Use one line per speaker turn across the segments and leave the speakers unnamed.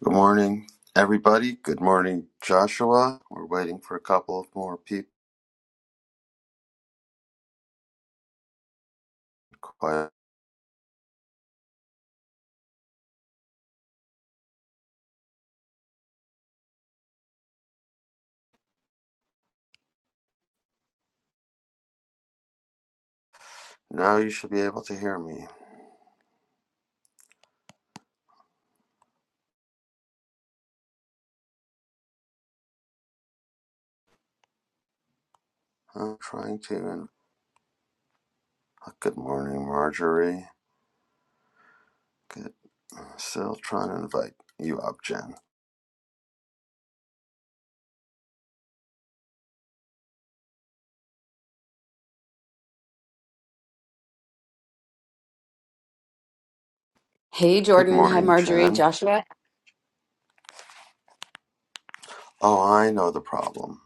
Good morning, everybody. Good morning, Joshua. We're waiting for a couple of more people. Quiet. Now you should be able to hear me. I'm trying to. And good morning, Marjorie. Good. Still trying to invite you up, Jen.
Hey,
Good
Jordan. Hi,
morning,
Marjorie.
Jen.
Joshua.
Oh, I know the problem.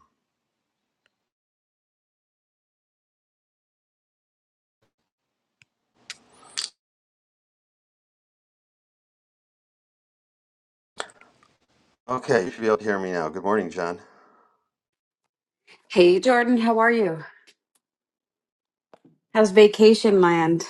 Okay, you should be able to hear me now. Good morning, Jen.
Hey, Jordan. How are you? How's vacation land?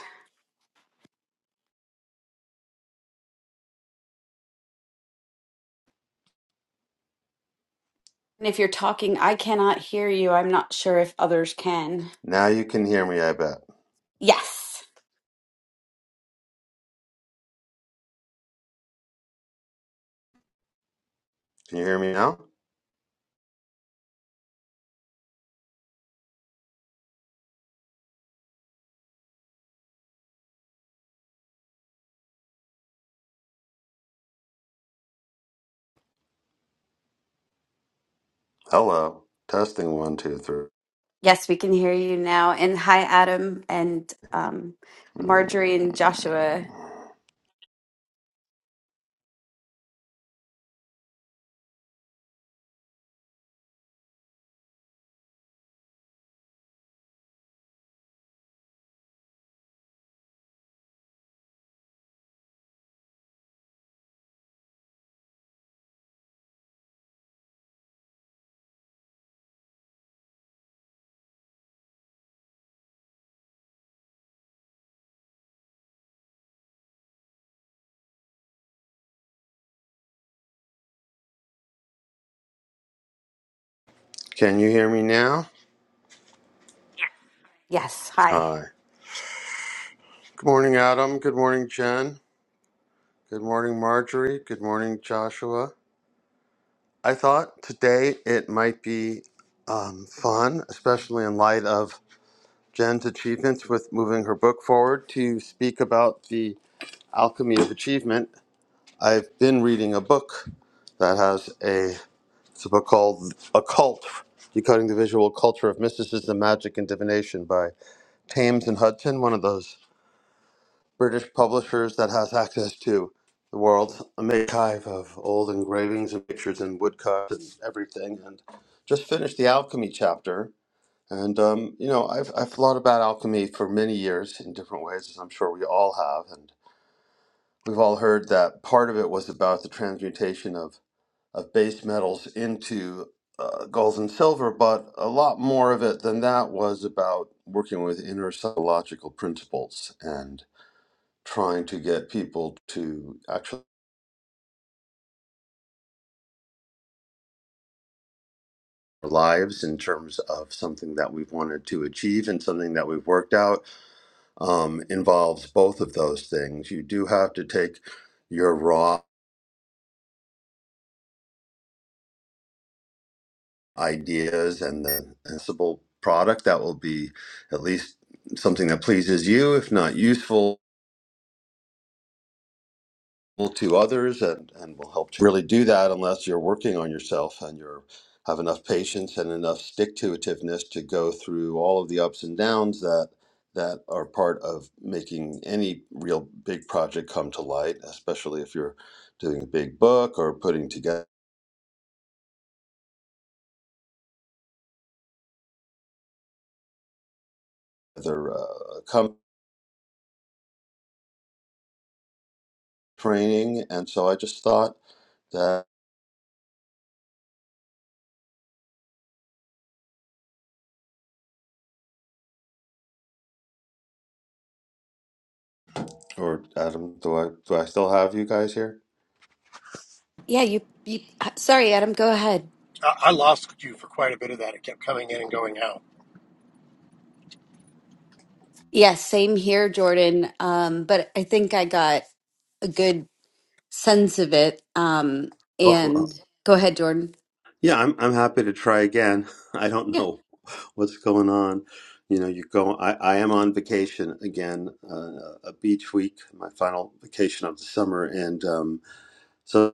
And if you're talking, I cannot hear you. I'm not sure if others can.
Now you can hear me. I bet.
Yes.
Can you hear me now? Hello. Testing one, two, three.
Yes, we can hear you now. And hi, Adam and um,
Hmm.
Marjorie and Joshua.
Can you hear me now?
Yes. Hi.
Hi. Good morning, Adam. Good morning, Jen. Good morning, Marjorie. Good morning, Joshua. I thought today it might be um, fun, especially in light of Jen's achievements with moving her book forward, to speak about the alchemy of achievement. I've been reading a book that has a, it's a book called Occult Decoding the Visual Culture of Mysticism, Magic, and Divination by Thames and Hudson, one of those British publishers that has access to the world's archive of old engravings and pictures and woodcuts and everything. And just finished the alchemy chapter. And um, you know, I've I've thought about alchemy for many years in different ways, as I'm sure we all have. And we've all heard that part of it was about the transmutation of of base metals into uh, gold and silver, but a lot more of it than that was about working with inner psychological principles and trying to get people to actually our lives in terms of something that we've wanted to achieve and something that we've worked out um, involves both of those things. You do have to take your raw ideas and the sensible product that will be at least something that pleases you, if not useful to others and, and will help to really do that unless you're working on yourself and you're have enough patience and enough stick to itiveness to go through all of the ups and downs that that are part of making any real big project come to light, especially if you're doing a big book or putting together uh, company training. And so I just thought that, or Adam, do I do I still have you guys here?
Yeah, you, you. uh, Sorry, Adam. Go ahead.
I, lost you for quite a bit of that. It kept coming in and going out.
Yes, same here, Jordan. Um, but I think I got a good sense of it. Um,
Well,
and go ahead, Jordan.
Yeah, I'm I'm happy to try again. I don't
Yeah.
know what's going on. You know, you go. I, I am on vacation again, uh, a beach week, my final vacation of the summer, and um, so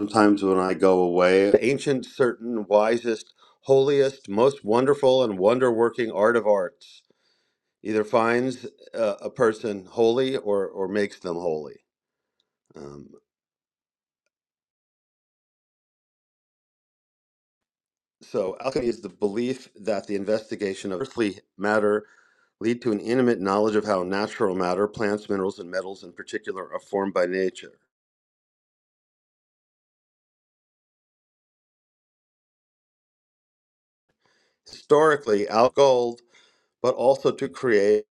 sometimes when I go away, the ancient, certain, wisest, holiest, most wonderful, and wonder-working art of arts either finds uh, a person holy or or makes them holy. Um, So, alchemy is the belief that the investigation of earthly matter lead to an intimate knowledge of how natural matter, plants, minerals, and metals in particular, are formed by nature. Historically, al gold, but also to create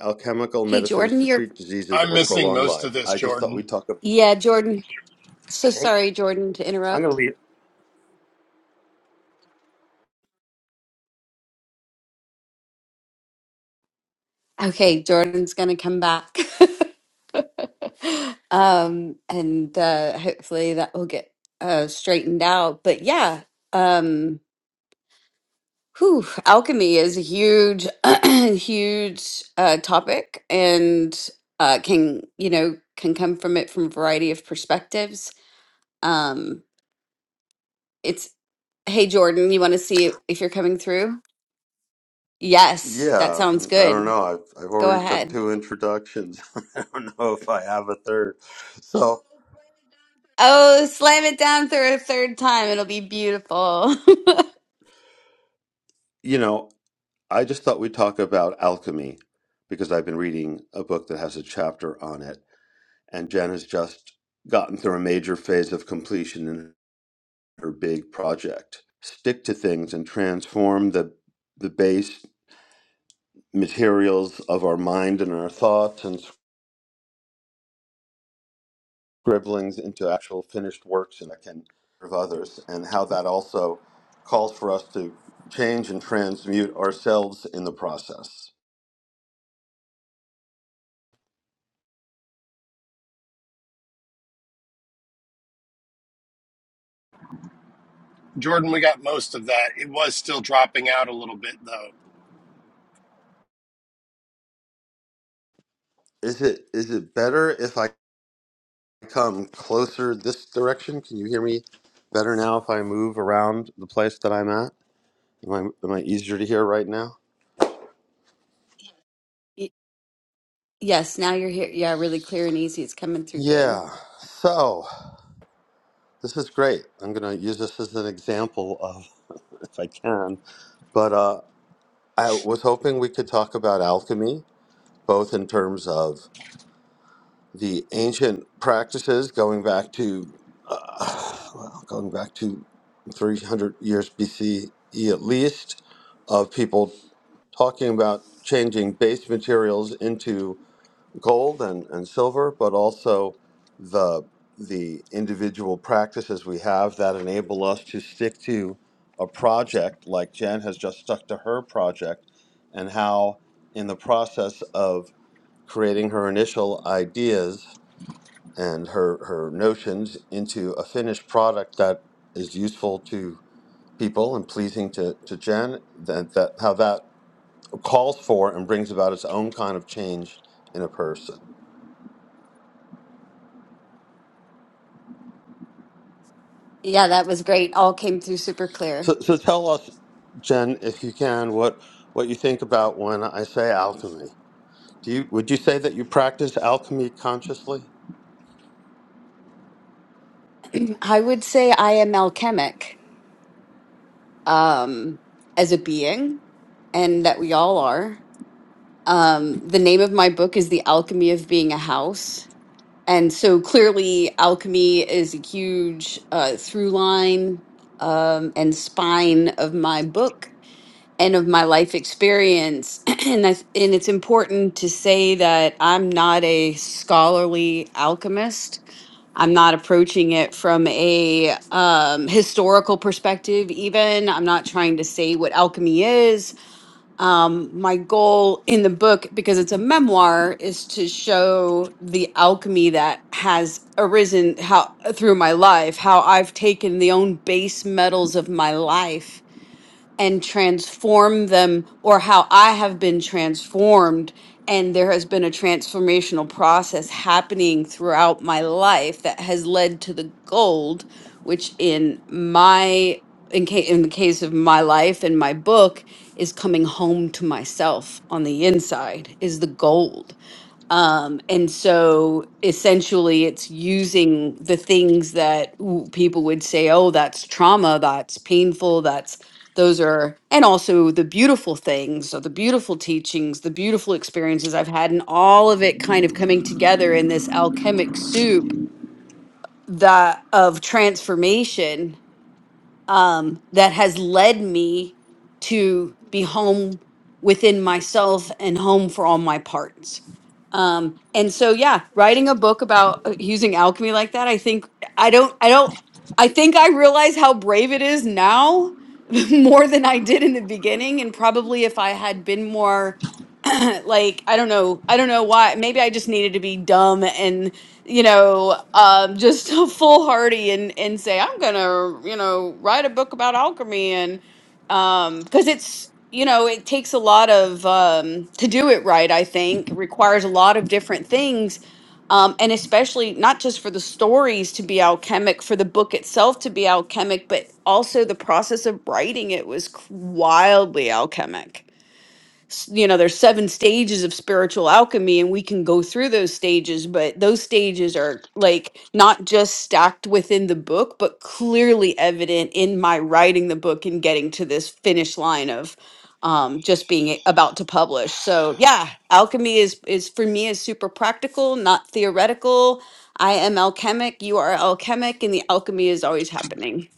alchemical
Hey,
medicines
Jordan,
to
you're
treat diseases
I'm
or
missing
prolong
most of
life.
this,
I just thought
Jordan.
we'd talk about.
Yeah, Jordan. So
Okay.
sorry, Jordan, to
I'm gonna
interrupt.
leave.
Okay, Jordan's going to come back. um, and uh, hopefully that will get uh, straightened out. But yeah, um, whew, alchemy is a huge, huge uh, topic and uh, can, you know, can come from it from a variety of perspectives. Um, it's, hey, Jordan, you want to see if you're coming through? Yes, that
Yeah,
sounds
I don't
good.
know. I've I've
Go
already done
ahead.
two introductions. I don't know if I have a third. So
Oh, slam it down for a third time. It'll be beautiful.
you know, I just thought we'd talk about alchemy because I've been reading a book that has a chapter on it, and Jen has just gotten through a major phase of completion in her big project. Stick to things and transform the the base materials of our mind and our thoughts and scribblings into actual finished works and that can serve others, and how that also calls for us to change and transmute ourselves in the process.
Jordan, we got most of that. It was still dropping out a little bit, though.
Is it is it better if I come closer this direction? Can you hear me better now if I move around the place that I'm at? Am I, am I easier to hear right now?
Y- yes, now you're here. Yeah, really clear and easy. It's coming through good.
Yeah. So this is great. I'm going to use this as an example of, if I can. But uh, I was hoping we could talk about alchemy, both in terms of the ancient practices going back to, uh, well, going back to 300 years BCE at least, of people talking about changing base materials into gold and, and silver, but also the the individual practices we have that enable us to stick to a project like Jen has just stuck to her project and how in the process of creating her initial ideas and her, her notions into a finished product that is useful to people and pleasing to, to Jen, that, that how that calls for and brings about its own kind of change in a person.
Yeah, that was great. All came through super clear.
So, so tell us, Jen, if you can, what what you think about when I say alchemy. Do you would you say that you practice alchemy consciously?
I would say I am alchemic um, as a being, and that we all are. Um, the name of my book is The Alchemy of Being a House. And so clearly, alchemy is a huge uh, through line um, and spine of my book and of my life experience and I, and it's important to say that I'm not a scholarly alchemist. I'm not approaching it from a um, historical perspective even. I'm not trying to say what alchemy is. Um, my goal in the book because it's a memoir is to show the alchemy that has arisen how through my life, how I've taken the own base metals of my life and transform them or how I have been transformed. And there has been a transformational process happening throughout my life that has led to the gold, which in my in, ca- in the case of my life and my book is coming home to myself on the inside is the gold um, and so essentially, it's using the things that w- people would say, oh, that's trauma, that's painful, that's those are, and also the beautiful things, so the beautiful teachings, the beautiful experiences I've had, and all of it kind of coming together in this alchemic soup that of transformation um, that has led me to be home within myself and home for all my parts. Um, and so, yeah, writing a book about uh, using alchemy like that, I think I don't, I don't, I think I realize how brave it is now more than I did in the beginning. And probably if I had been more like i don't know i don't know why maybe i just needed to be dumb and you know um just foolhardy and and say i'm gonna you know write a book about alchemy and um because it's you know it takes a lot of um to do it right i think it requires a lot of different things um and especially not just for the stories to be alchemic for the book itself to be alchemic but also the process of writing it was c- wildly alchemic s- you know there's seven stages of spiritual alchemy and we can go through those stages but those stages are like not just stacked within the book but clearly evident in my writing the book and getting to this finish line of um just being a- about to publish so yeah alchemy is is for me is super practical not theoretical i am alchemic you are alchemic and the alchemy is always happening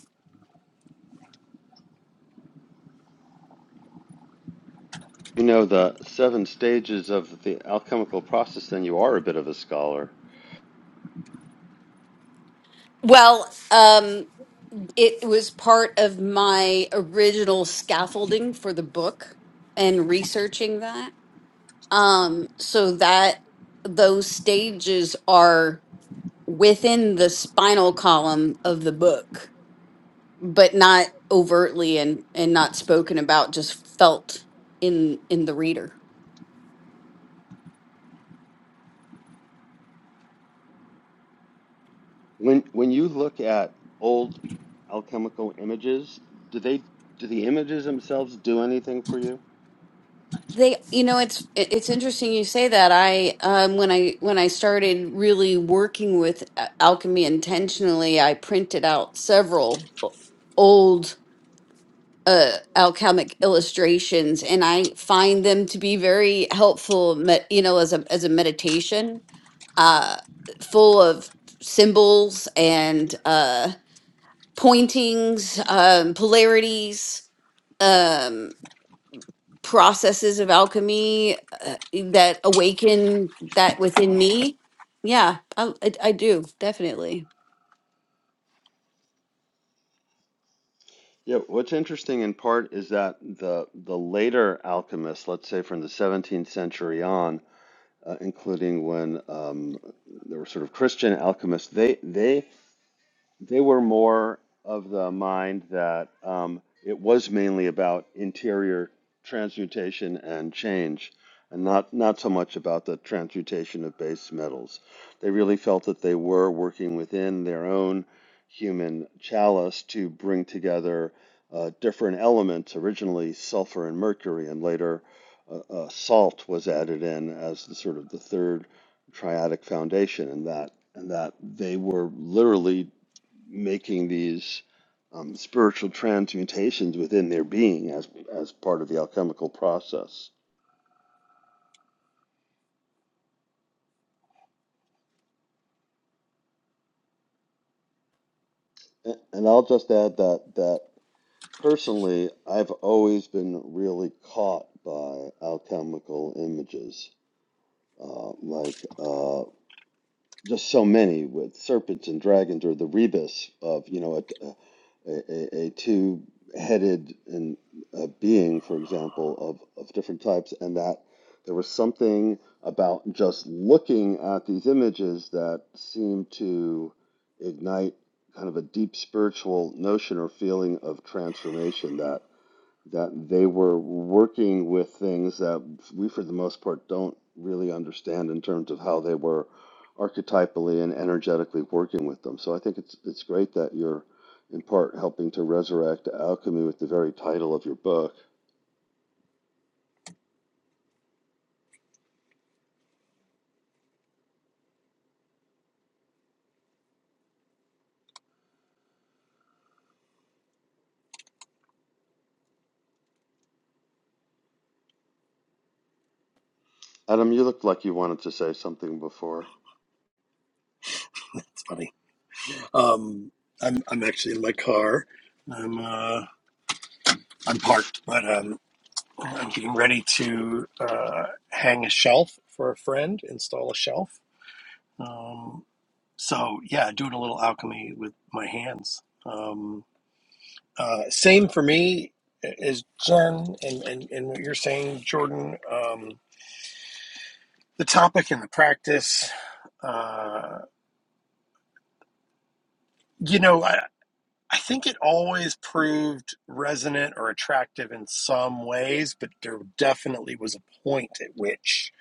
You know the seven stages of the alchemical process, then you are a bit of a scholar.
well um It was part of my original scaffolding for the book and researching that. Um, so that those stages are within the spinal column of the book, but not overtly and and not spoken about, just felt in in the reader.
When when you look at old alchemical images, do they do the images themselves do anything for you?
They, you know, it's it- it's interesting you say that. I um when I when I started really working with a- alchemy intentionally, I printed out several o- old uh alchemic illustrations and I find them to be very helpful, me- you know, as a as a meditation, uh full of symbols and uh pointings, um polarities. Um processes of alchemy uh, that awaken that within me. Yeah, I, I, I do definitely.
Yeah, what's interesting in part is that the the later alchemists, let's say from the 17th century on, uh, including when um, there were sort of Christian alchemists, they they they were more of the mind that um, it was mainly about interior transmutation and change, and not, not so much about the transmutation of base metals. They really felt that they were working within their own human chalice to bring together uh, different elements, originally sulfur and mercury, and later uh, uh, salt was added in as the sort of the third triadic foundation, and that and that they were literally making these um, spiritual transmutations within their being as as part of the alchemical process. A- And I'll just add that that personally, I've always been really caught by alchemical images, uh, like uh, just so many with serpents and dragons or the rebus of you know a, a, a, a two-headed and a being for example of, of different types and that there was something about just looking at these images that seemed to ignite kind of a deep spiritual notion or feeling of transformation that that they were working with things that we for the most part don't really understand in terms of how they were archetypally and energetically working with them. So I think it's it's great that you're in part helping to resurrect alchemy with the very title of your book. Adam, you looked like you wanted to say something before.
It's funny. Um, I'm I'm actually in my car. I'm uh, I'm parked, but um, I'm getting ready to uh, hang a shelf for a friend, install a shelf. Um, so yeah, doing a little alchemy with my hands. Um, Uh, same for me as Jen and, and, and what you're saying, Jordan. Um, the topic and the practice, uh, you know, I, I think it always proved resonant or attractive in some ways, but there definitely was a point at which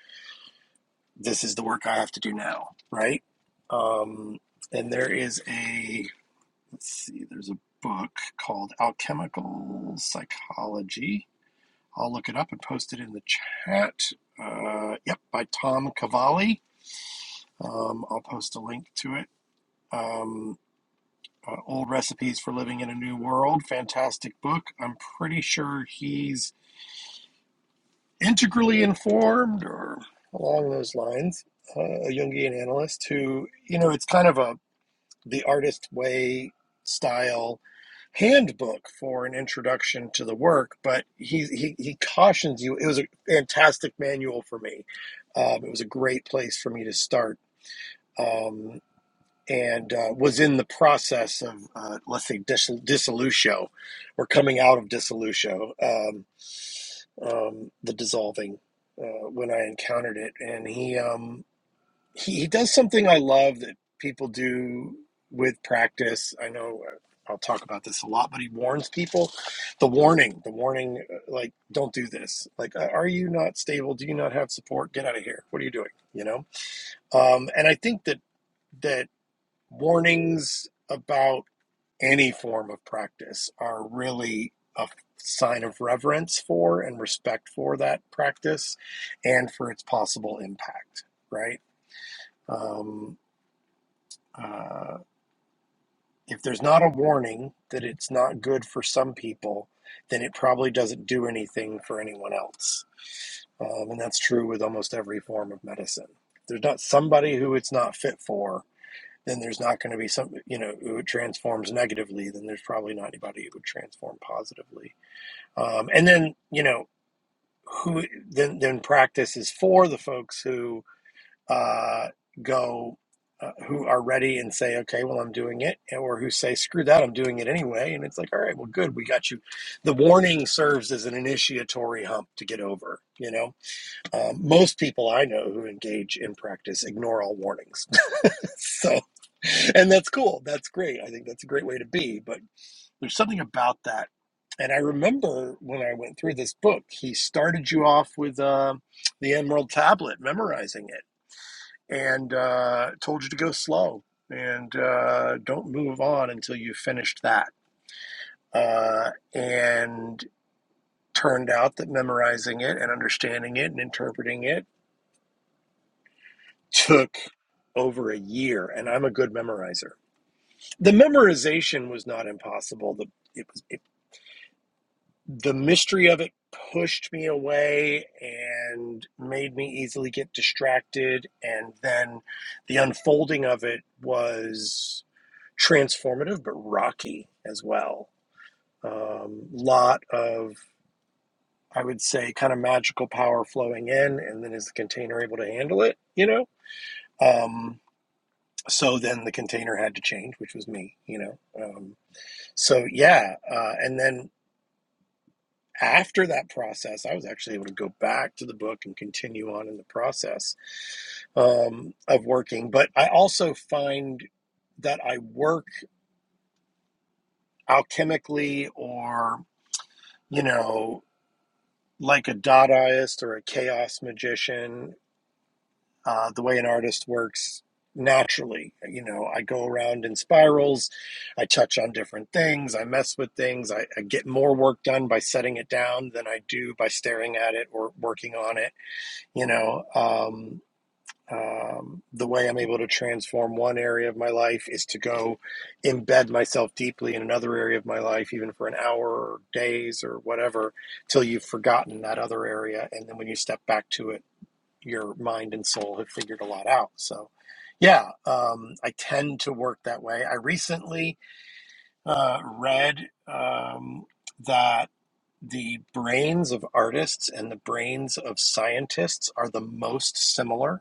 this is the work I have to do now, right? Um, and there is a, let's see, there's a book called Alchemical Psychology I'll look it up and post it in the chat. Uh, yep, by Tom Cavalli. Um, I'll post a link to it. Um, uh, Old Recipes for Living in a New World. Fantastic book. I'm pretty sure he's integrally informed or along those lines, uh, a Jungian analyst who, you know, it's kind of a the artist way style handbook for an introduction to the work but he he, he cautions you it was a fantastic manual for me um, it was a great place for me to start um, and uh, was in the process of uh, let's say dis- dissolution or coming out of dissolution um, um, the dissolving uh, when i encountered it and he um, he, he does something I love that people do with practice. I know uh, I'll talk about this a lot, but he warns people. The warning, the warning, uh, like, don't do this. Like, uh, are you not stable? Do you not have support? Get out of here. What are you doing? You know. Um, and I think that that warnings about any form of practice are really a sign of reverence for and respect for that practice and for its possible impact right Um, uh, if there's not a warning that it's not good for some people, then it probably doesn't do anything for anyone else. Um, and that's true with almost every form of medicine. If there's not somebody who it's not fit for, then there's not going to be some, you know, who it transforms negatively, then there's probably not anybody who would transform positively. Um, and then, you know, who then then practice is for the folks who uh, go uh, who are ready and say, okay, well, I'm doing it, or who say, screw that, I'm doing it anyway. And it's like, all right, well, good, we got you. The warning serves as an initiatory hump to get over. You know, um, most people I know who engage in practice ignore all warnings. so, and that's cool. That's great. I think that's a great way to be. But there's something about that. And I remember when I went through this book, he started you off with uh, the Emerald Tablet, memorizing it and uh, told you to go slow and uh, don't move on until you finished that. Uh, and turned out that memorizing it and understanding it and interpreting it took over a year. And I'm a good memorizer. The memorization was not impossible. The it was it, the mystery of it pushed me away and made me easily get distracted. And then the unfolding of it was transformative but rocky as well. Um, lot of I would say kind of magical power flowing in, and then is the container able to handle it? You know. Um, so then the container had to change, which was me. You know. Um, so yeah, uh, and then after that process, I was actually able to go back to the book and continue on in the process um, of working. But I also find that I work alchemically or you know like a Dadaist or a chaos magician, uh, the way an artist works naturally. You know, I go around in spirals, I touch on different things, I mess with things, I, I get more work done by setting it down than I do by staring at it or working on it. You know, um, um, the way I'm able to transform one area of my life is to go embed myself deeply in another area of my life, even for an hour or days or whatever, till you've forgotten that other area. And then when you step back to it, your mind and soul have figured a lot out. So, yeah, um, I tend to work that way. I recently uh, read um, that the brains of artists and the brains of scientists are the most similar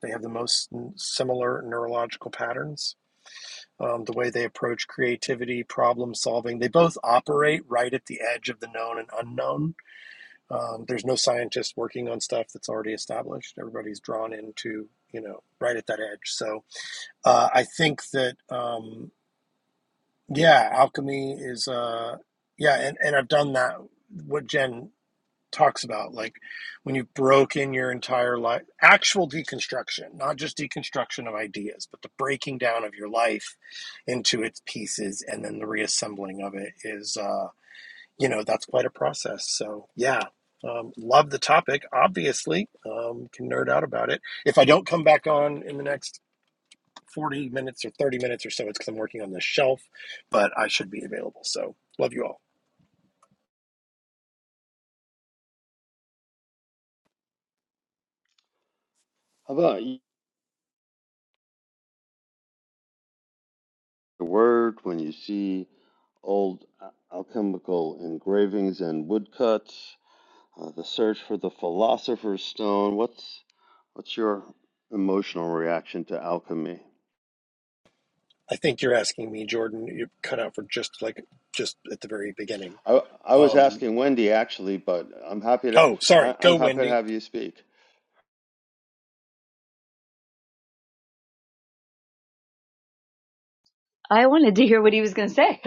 they have the most similar neurological patterns. Um, the way they approach creativity, problem solving, they both operate right at the edge of the known and unknown. Um, there's no scientist working on stuff that's already established. Everybody's drawn into, you know, right at that edge. So uh, I think that, um, yeah, alchemy is, uh, yeah, and, and I've done that. What Jen talks about like when you broke in your entire life actual deconstruction not just deconstruction of ideas but the breaking down of your life into its pieces and then the reassembling of it is uh you know that's quite a process so yeah um, love the topic obviously um, can nerd out about it if i don't come back on in the next 40 minutes or 30 minutes or so it's because i'm working on this shelf but i should be available so love you all
How about you? The word when you see old alchemical engravings and woodcuts, uh, the search for the philosopher's stone. What's what's your emotional reaction to alchemy?
I think you're asking me, Jordan. You cut out for just like just at the very beginning.
I, I was
Um,
asking Wendy actually, but I'm happy to
oh,
I,
sorry. Go,
I'm happy to
Wendy.
have you speak.
I wanted to hear what he was going to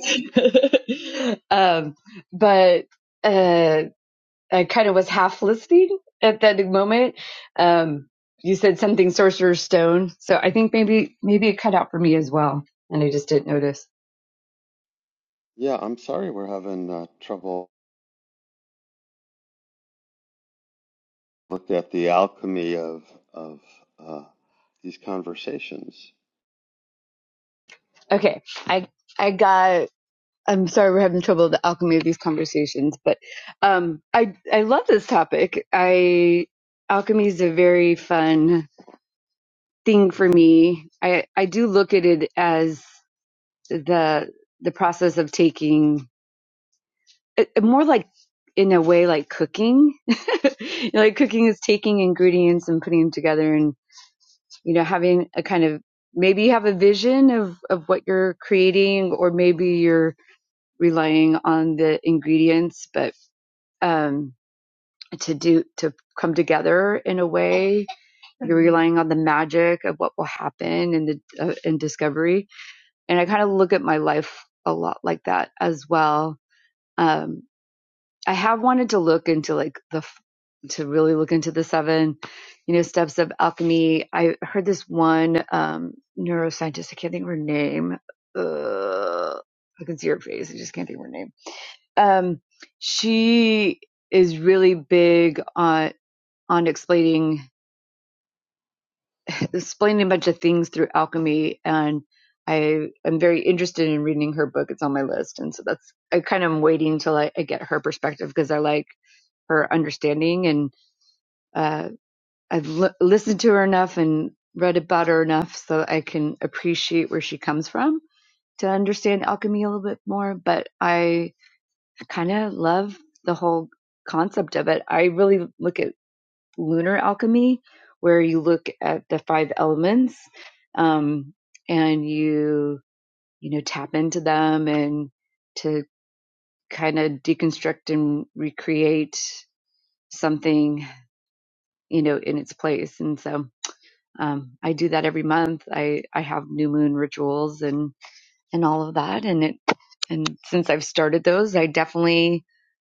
say. um, but uh, I kind of was half listening at that moment. Um, you said something Sorcerer's Stone, so I think maybe maybe it cut out for me as well, and I just didn't notice.
Yeah, I'm sorry we're having uh, trouble look at the alchemy of of uh, these conversations.
Okay, I I got. I'm sorry we're having trouble with the alchemy of these conversations, but um, I I love this topic. I alchemy is a very fun thing for me. I I do look at it as the the process of taking it, more like in a way like cooking You know, like cooking is taking ingredients and putting them together and you know having a kind of maybe you have a vision of of what you're creating or maybe you're relying on the ingredients but um to do to come together in a way you're relying on the magic of what will happen in the uh, in discovery and i kind of look at my life a lot like that as well Um I have wanted to look into like the to really look into the seven, you know, steps of alchemy. I heard this one um neuroscientist, I can't think of her name. Uh, I can see her face, I just can't think of her name. Um she is really big on on explaining explaining a bunch of things through alchemy and I am very interested in reading her book. It's on my list. And so that's, I kind of am waiting till I, I get her perspective because I like her understanding. and. uh, I've l- listened to her enough and read about her enough so I can appreciate where she comes from to understand alchemy a little bit more. But I kind of love the whole concept of it. I really look at lunar alchemy, where you look at the five elements um, and you you know tap into them and to kind of deconstruct and recreate something you know in its place. And so um, I do that every month. I, I have new moon rituals and, and all of that. And it, and since I've started those, I definitely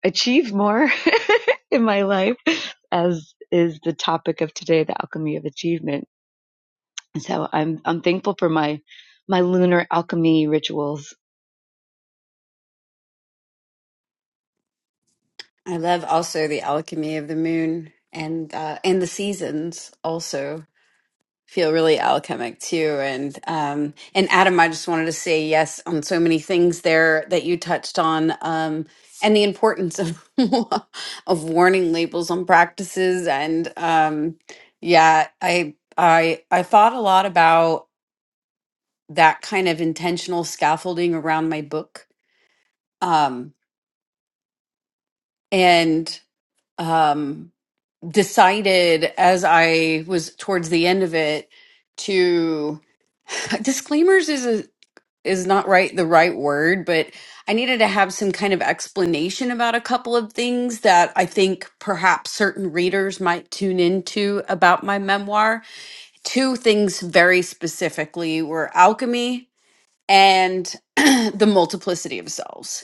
achieve more in my life as is the topic of today, the alchemy of achievement. And So I'm, I'm thankful for my, my lunar alchemy rituals.
I love also the alchemy of the moon and uh, and the seasons also feel really alchemic too. And um, and Adam, I just wanted to say yes on so many things there that you touched on, um, and the importance of of warning labels on practices. And um, yeah, I I I thought a lot about. that kind of intentional scaffolding around my book um, and um, decided as i was towards the end of it to disclaimers is a, is not right the right word but i needed to have some kind of explanation about a couple of things that i think perhaps certain readers might tune into about my memoir two things very specifically were alchemy and the multiplicity of selves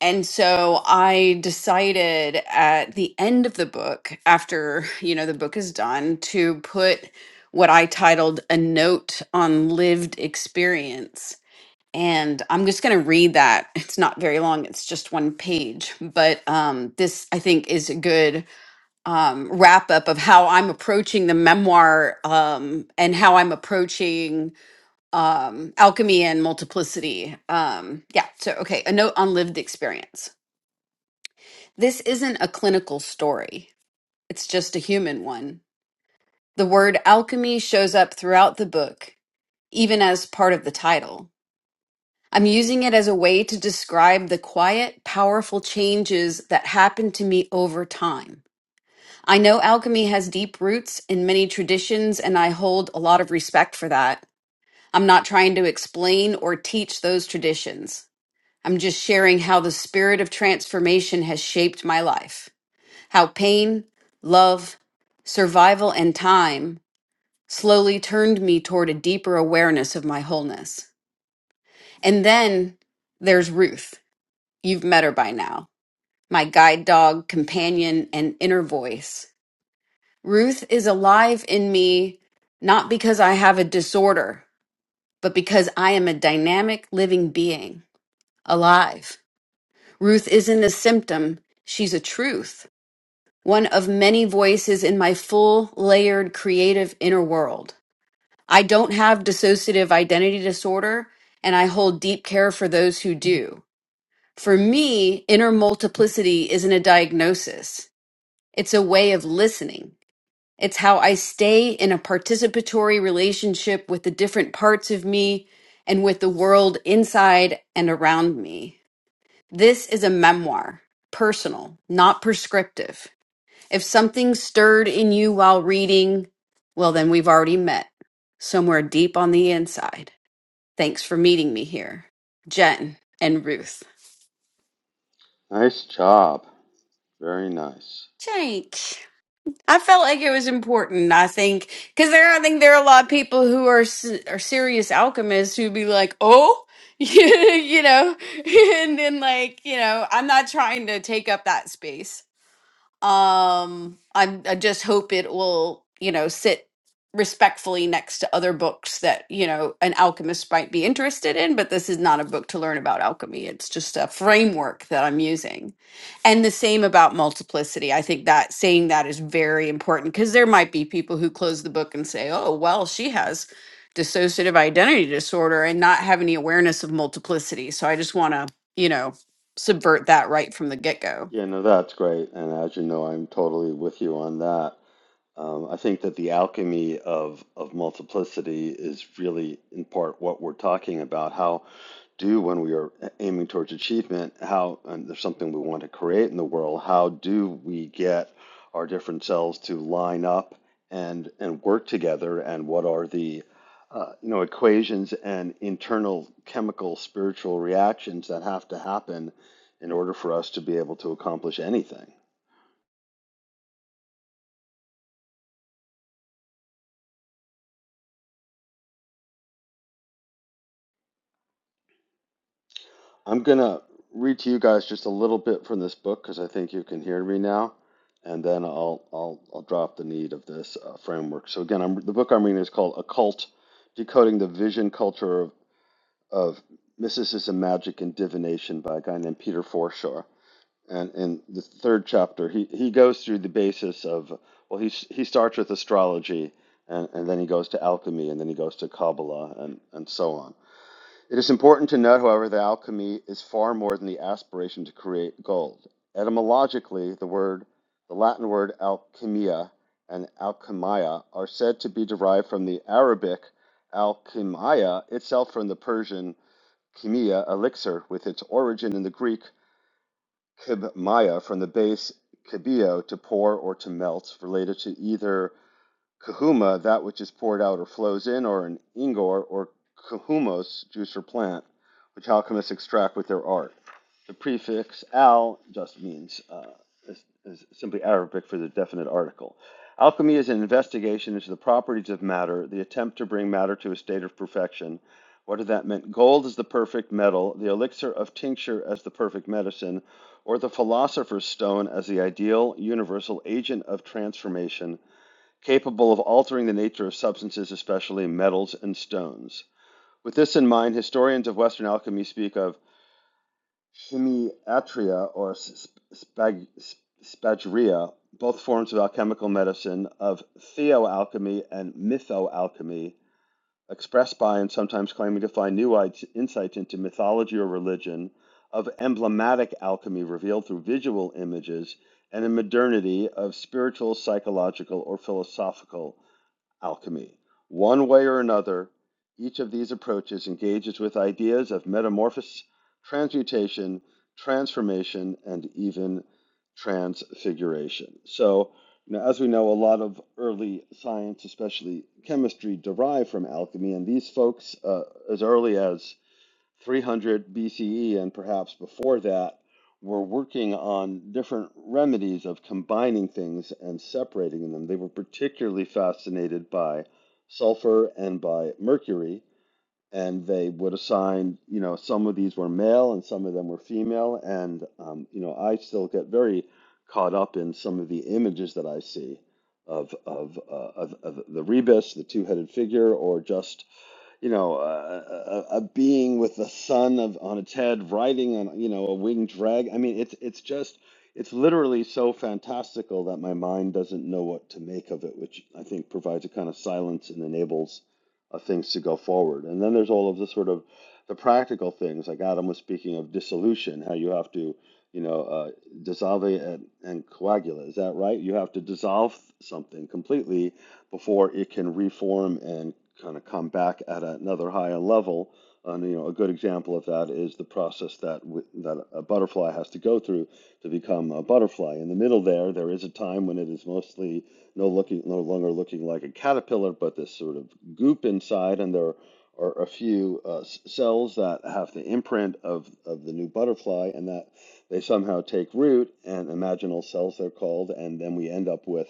And so I decided at the end of the book, after, you know, the book is done, to put what I titled a note on lived experience. And I'm just going to read that. It's not very long, it's just one page. But um, this, I think, is a good um, wrap up of how I'm approaching the memoir um, and how I'm approaching um, alchemy and multiplicity. Um, yeah. So, okay, a note on lived experience. This isn't a clinical story, it's just a human one. The word alchemy shows up throughout the book, even as part of the title. I'm using it as a way to describe the quiet, powerful changes that happen to me over time. I know alchemy has deep roots in many traditions, and I hold a lot of respect for that. I'm not trying to explain or teach those traditions. I'm just sharing how the spirit of transformation has shaped my life. how pain, love, survival, and time slowly turned me toward a deeper awareness of my wholeness. And then there's Ruth. You've met her by now, my guide dog, companion, and inner voice. Ruth is alive in me not because I have a disorder, but because I am a dynamic living being, alive. Ruth isn't a symptom, she's a truth. one of many voices in my full, layered, creative inner world. I don't have dissociative identity disorder, and I hold deep care for those who do. For me, inner multiplicity isn't a diagnosis, it's a way of listening. It's how I stay in a participatory relationship with the different parts of me and with the world inside and around me. This is a memoir, personal, not prescriptive. If something stirred in you while reading, well, then we've already met somewhere deep on the inside. Thanks for meeting me here, Jen and Ruth.
Nice job. Very nice.
Jake. I felt like it was important. I think because there, I think there are a lot of people who are s- are serious alchemists who be like, "Oh, you know," and then like, you know, I'm not trying to take up that space. Um, I, I just hope it will, you know, sit respectfully next to other books that, you know, an alchemist might be interested in, but this is not a book to learn about alchemy. It's just a framework that I'm using. And the same about multiplicity. I think that saying that is very important because there might be people who close the book and say, oh, well, she has dissociative identity disorder and not have any awareness of multiplicity. So I just want to, you know, subvert that right from the get go.
Yeah, no, that's great. And as you know, I'm totally with you on that. Um, I think that the alchemy of, of multiplicity is really in part what we're talking about. How do, when we are aiming towards achievement, how, and there's something we want to create in the world, how do we get our different selves to line up and, and work together? And what are the, uh, you know, equations and internal chemical spiritual reactions that have to happen in order for us to be able to accomplish anything? I'm gonna read to you guys just a little bit from this book because I think you can hear me now, and then I'll I'll I'll drop the need of this uh, framework. So again, I'm, the book I'm reading is called "Occult: Decoding the Vision Culture of, of Mysticism, Magic, and Divination" by a guy named Peter Forshaw. And in the third chapter, he he goes through the basis of well, he he starts with astrology, and, and then he goes to alchemy, and then he goes to Kabbalah, and and so on it is important to note, however, that alchemy is far more than the aspiration to create gold. Etymologically, the word, the Latin word alchemia and alchemia are said to be derived from the Arabic alchemia itself from the Persian chemia, elixir, with its origin in the Greek kibmaya, from the base kibio, to pour or to melt, related to either kahuma, that which is poured out or flows in, or an ingor or kahumos, juice or plant, which alchemists extract with their art. The prefix al just means uh, is, is simply Arabic for the definite article. Alchemy is an investigation into the properties of matter, the attempt to bring matter to a state of perfection. What did that mean? Gold is the perfect metal, the elixir of tincture as the perfect medicine, or the philosopher's stone as the ideal universal agent of transformation capable of altering the nature of substances, especially metals and stones. With this in mind, historians of Western alchemy speak of chemiatria or spag- spagyria, both forms of alchemical medicine, of theoalchemy and mythoalchemy, expressed by and sometimes claiming to find new i- insights into mythology or religion, of emblematic alchemy revealed through visual images, and in modernity of spiritual, psychological, or philosophical alchemy. One way or another, each of these approaches engages with ideas of metamorphosis, transmutation, transformation, and even transfiguration. So, you know, as we know, a lot of early science, especially chemistry, derived from alchemy, and these folks, uh, as early as 300 BCE and perhaps before that were working on different remedies of combining things and separating them. They were particularly fascinated by sulfur and by mercury, and they would assign, you know, some of these were male and some of them were female. And, um, you know, I still get very caught up in some of the images that I see of, of, uh, of, of the rebus, the two headed figure, or just you know, a, a, a being with the sun of on its head riding on, you know, a winged dragon. I mean, it's it's just it's literally so fantastical that my mind doesn't know what to make of it, which I think provides a kind of silence and enables uh, things to go forward. And then there's all of the sort of the practical things, like Adam was speaking of dissolution, how you have to, you know, uh, dissolve and, and coagula. Is that right? You have to dissolve something completely before it can reform and kind of come back at another higher level. And you know, a good example of that is the process that w- that a butterfly has to go through to become a butterfly. In the middle there, there is a time when it is mostly no looking no longer looking like a caterpillar, but this sort of goop inside, and there are a few uh, cells that have the imprint of of the new butterfly, and that they somehow take root and imaginal cells they're called, and then we end up with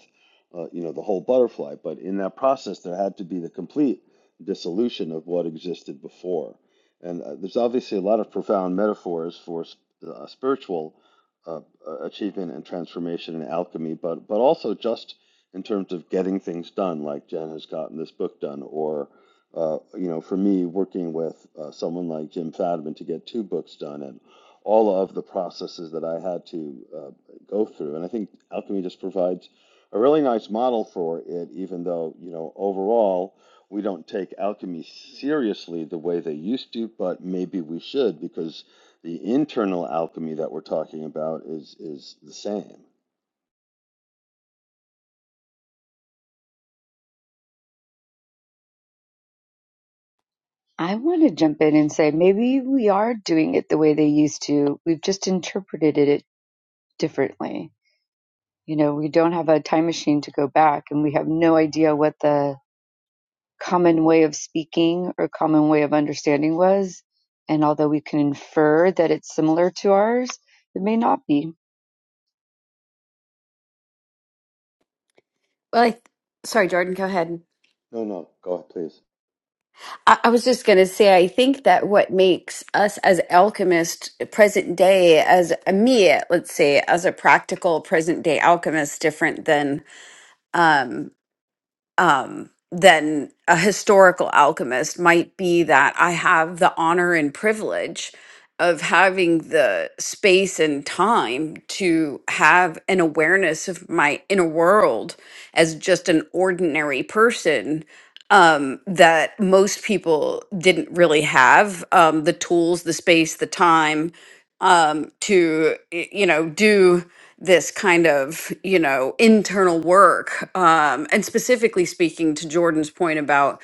uh, you know, the whole butterfly. But in that process, there had to be the complete dissolution of what existed before. And uh, there's obviously a lot of profound metaphors for uh, spiritual uh, uh, achievement and transformation and alchemy, but but also just in terms of getting things done, like Jen has gotten this book done, or uh, you know, for me, working with uh, someone like Jim Fadiman to get two books done, and all of the processes that I had to uh, go through. And I think alchemy just provides a really nice model for it, even though, you know, overall we don't take alchemy seriously the way they used to, but maybe we should because the internal alchemy that we're talking about is is the same.
I want to jump in and say maybe we are doing it the way they used to. We've just interpreted it differently. You know, we don't have a time machine to go back and we have no idea what the common way of speaking or common way of understanding was. And although we can infer that it's similar to ours, it may not be.
Well, I th- sorry, Jordan, go ahead.
No, no, go ahead, please.
I, I was just going to say, I think that what makes us as alchemists present day, as a me, let's say, as a practical present day alchemist, different than um, um, than a historical alchemist might be that I have the honor and privilege of having the space and time to have an awareness of my inner world as just an ordinary person um, that most people didn't really have um, the tools, the space, the time um, to y- you know do this kind of you know internal work um, and specifically speaking to jordan's point about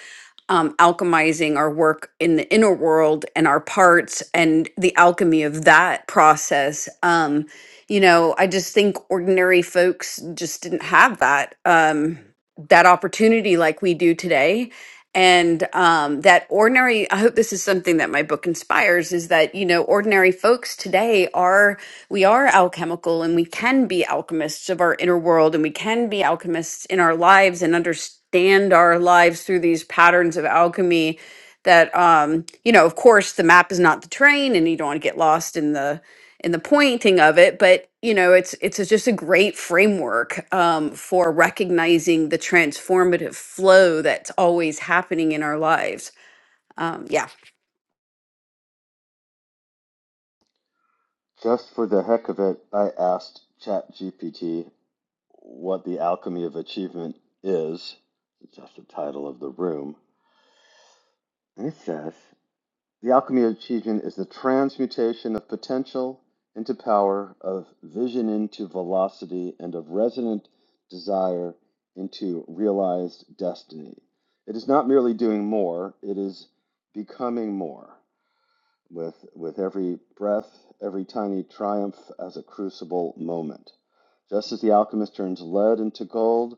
um, alchemizing our work in the inner world and our parts and the alchemy of that process um, you know i just think ordinary folks just didn't have that um, that opportunity like we do today and um, that ordinary i hope this is something that my book inspires is that you know ordinary folks today are we are alchemical and we can be alchemists of our inner world and we can be alchemists in our lives and understand our lives through these patterns of alchemy that um you know of course the map is not the train and you don't want to get lost in the and the pointing of it but you know it's it's just a great framework um, for recognizing the transformative flow that's always happening in our lives um, yeah
Just for the heck of it, I asked ChatGPT what the alchemy of achievement is. It's just the title of the room. And it says The alchemy of achievement is the transmutation of potential into power, of vision into velocity, and of resonant desire into realized destiny. It is not merely doing more, it is becoming more with, with every breath, every tiny triumph as a crucible moment. Just as the alchemist turns lead into gold,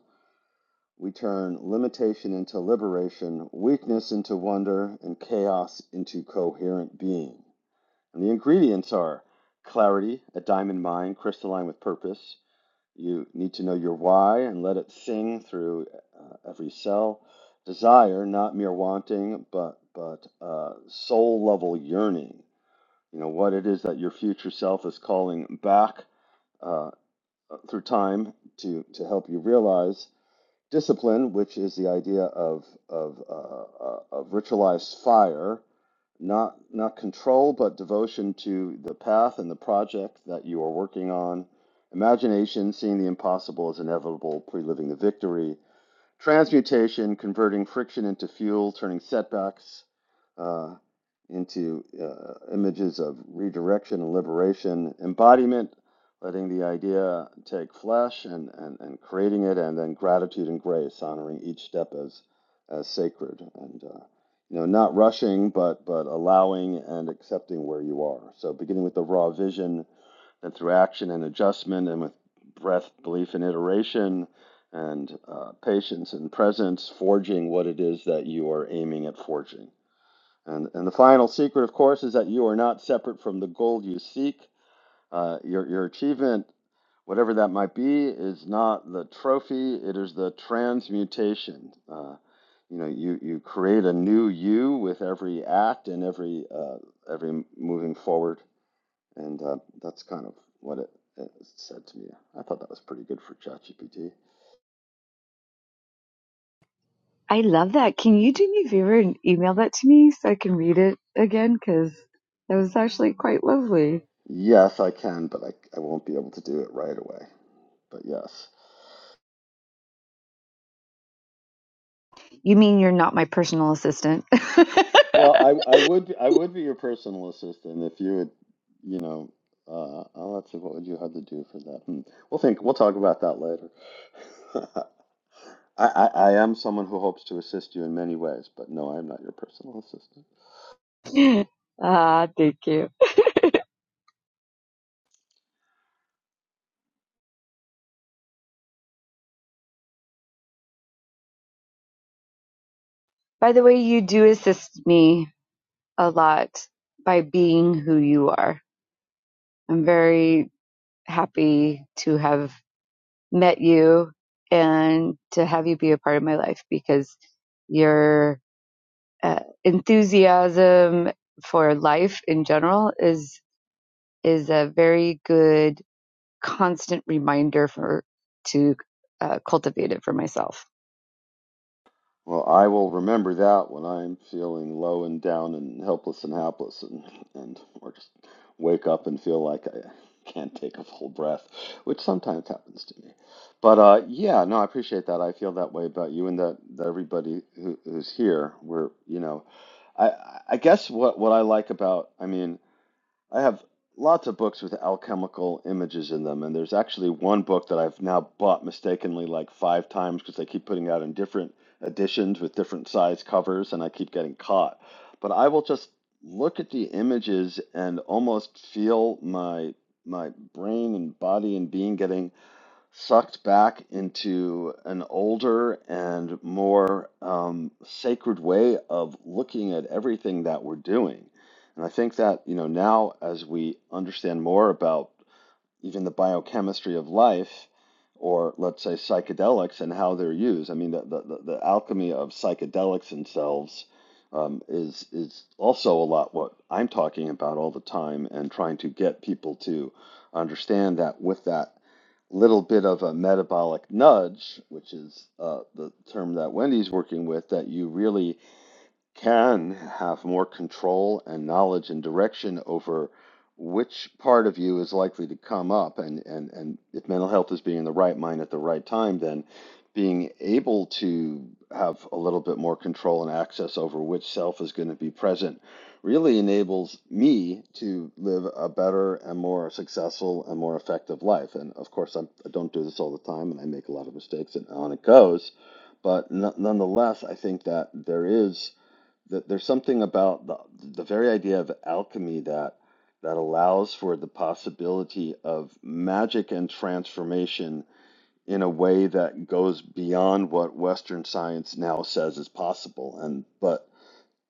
we turn limitation into liberation, weakness into wonder, and chaos into coherent being. And the ingredients are clarity, a diamond mind, crystalline with purpose. You need to know your why and let it sing through uh, every cell. Desire, not mere wanting, but but uh, soul level yearning. You know what it is that your future self is calling back uh, through time to to help you realize discipline, which is the idea of of uh, uh, of ritualized fire, not not control, but devotion to the path and the project that you are working on. Imagination, seeing the impossible as inevitable, pre-living the victory. Transmutation, converting friction into fuel, turning setbacks uh, into uh, images of redirection and liberation. Embodiment, letting the idea take flesh and, and, and creating it, and then gratitude and grace, honoring each step as, as sacred. And, uh, you know, not rushing, but, but allowing and accepting where you are. So beginning with the raw vision and through action and adjustment, and with breath, belief, and iteration, and uh, patience and presence, forging what it is that you are aiming at forging. And, and the final secret, of course, is that you are not separate from the goal you seek. Uh, your, your achievement, whatever that might be, is not the trophy, it is the transmutation. Uh, you know, you, you create a new you with every act and every, uh, every moving forward and uh, that's kind of what it, it said to me. I thought that was pretty good for ChatGPT.
I love that. Can you do me a favor and email that to me so I can read it again? Because that was actually quite lovely.
Yes, I can, but I, I won't be able to do it right away. But yes.
You mean you're not my personal assistant?
Well, I, I would I would be your personal assistant if you would, you know, uh, oh, let's see, what would you have to do for that? Hmm. We'll think, we'll talk about that later. I, I, I am someone who hopes to assist you in many ways, but no, I am not your personal assistant.
ah, thank you. By the way, you do assist me a lot by being who you are. I'm very happy to have met you and to have you be a part of my life because your uh, enthusiasm for life in general is is a very good constant reminder for to uh, cultivate it for myself.
Well, I will remember that when I'm feeling low and down and helpless and hapless, and, and or just wake up and feel like I can't take a full breath, which sometimes happens to me. But uh, yeah, no, I appreciate that. I feel that way about you and that, that everybody who, who's here. We're, you know, I I guess what what I like about, I mean. I have lots of books with alchemical images in them, and there's actually one book that I've now bought mistakenly like five times because they keep putting out in different editions with different size covers, and I keep getting caught. But I will just look at the images and almost feel my my brain and body and being getting sucked back into an older and more um, sacred way of looking at everything that we're doing. And I think that, you know, now as we understand more about even the biochemistry of life, or let's say psychedelics and how they're used. I mean, the, the, the- alchemy of psychedelics themselves um, is is also a lot what I'm talking about all the time and trying to get people to understand that with that little bit of a metabolic nudge, which is uh, the term that Wendy's working with, that you really can have more control and knowledge and direction over which part of you is likely to come up and and and if mental health is being in the right mind at the right time then being able to have a little bit more control and access over which self is going to be present really enables me to live a better and more successful and more effective life and of course I'm, i don't do this all the time and i make a lot of mistakes and on it goes but n- nonetheless i think that there is that there's something about the, the very idea of alchemy that that allows for the possibility of magic and transformation in a way that goes beyond what western science now says is possible and but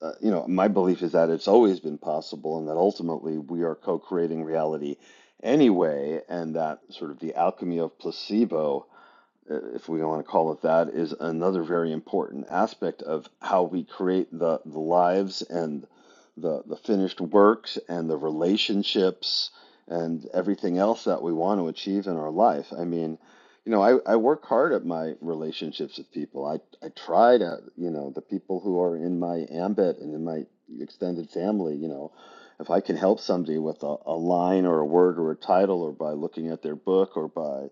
uh, you know my belief is that it's always been possible and that ultimately we are co-creating reality anyway and that sort of the alchemy of placebo uh, if we want to call it that, is another very important aspect of how we create the, the lives and the, the finished works and the relationships and everything else that we want to achieve in our life. I mean, you know, I, I work hard at my relationships with people. I, I try to, you know, the people who are in my ambit and in my extended family, you know, if I can help somebody with a, a line or a word or a title or by looking at their book or by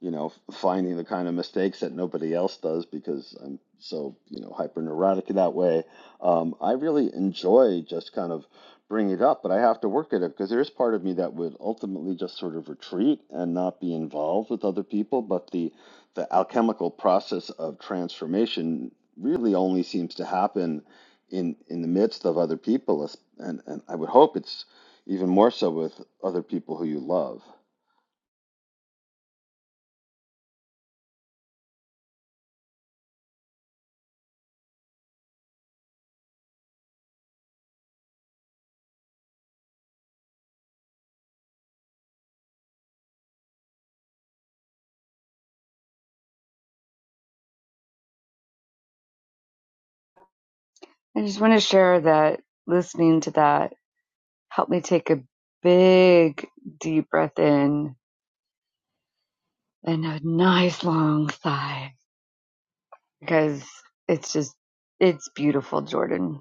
you know, finding the kind of mistakes that nobody else does because I'm so, you know, hyper neurotic that way. Um, I really enjoy just kind of bringing it up, but I have to work at it because there is part of me that would ultimately just sort of retreat and not be involved with other people. But the the alchemical process of transformation really only seems to happen in in the midst of other people, es- and and I would hope it's even more so with other people who you love.
I just want to share that listening to that helped me take a big deep breath in and a nice long sigh because it's just it's beautiful, Jordan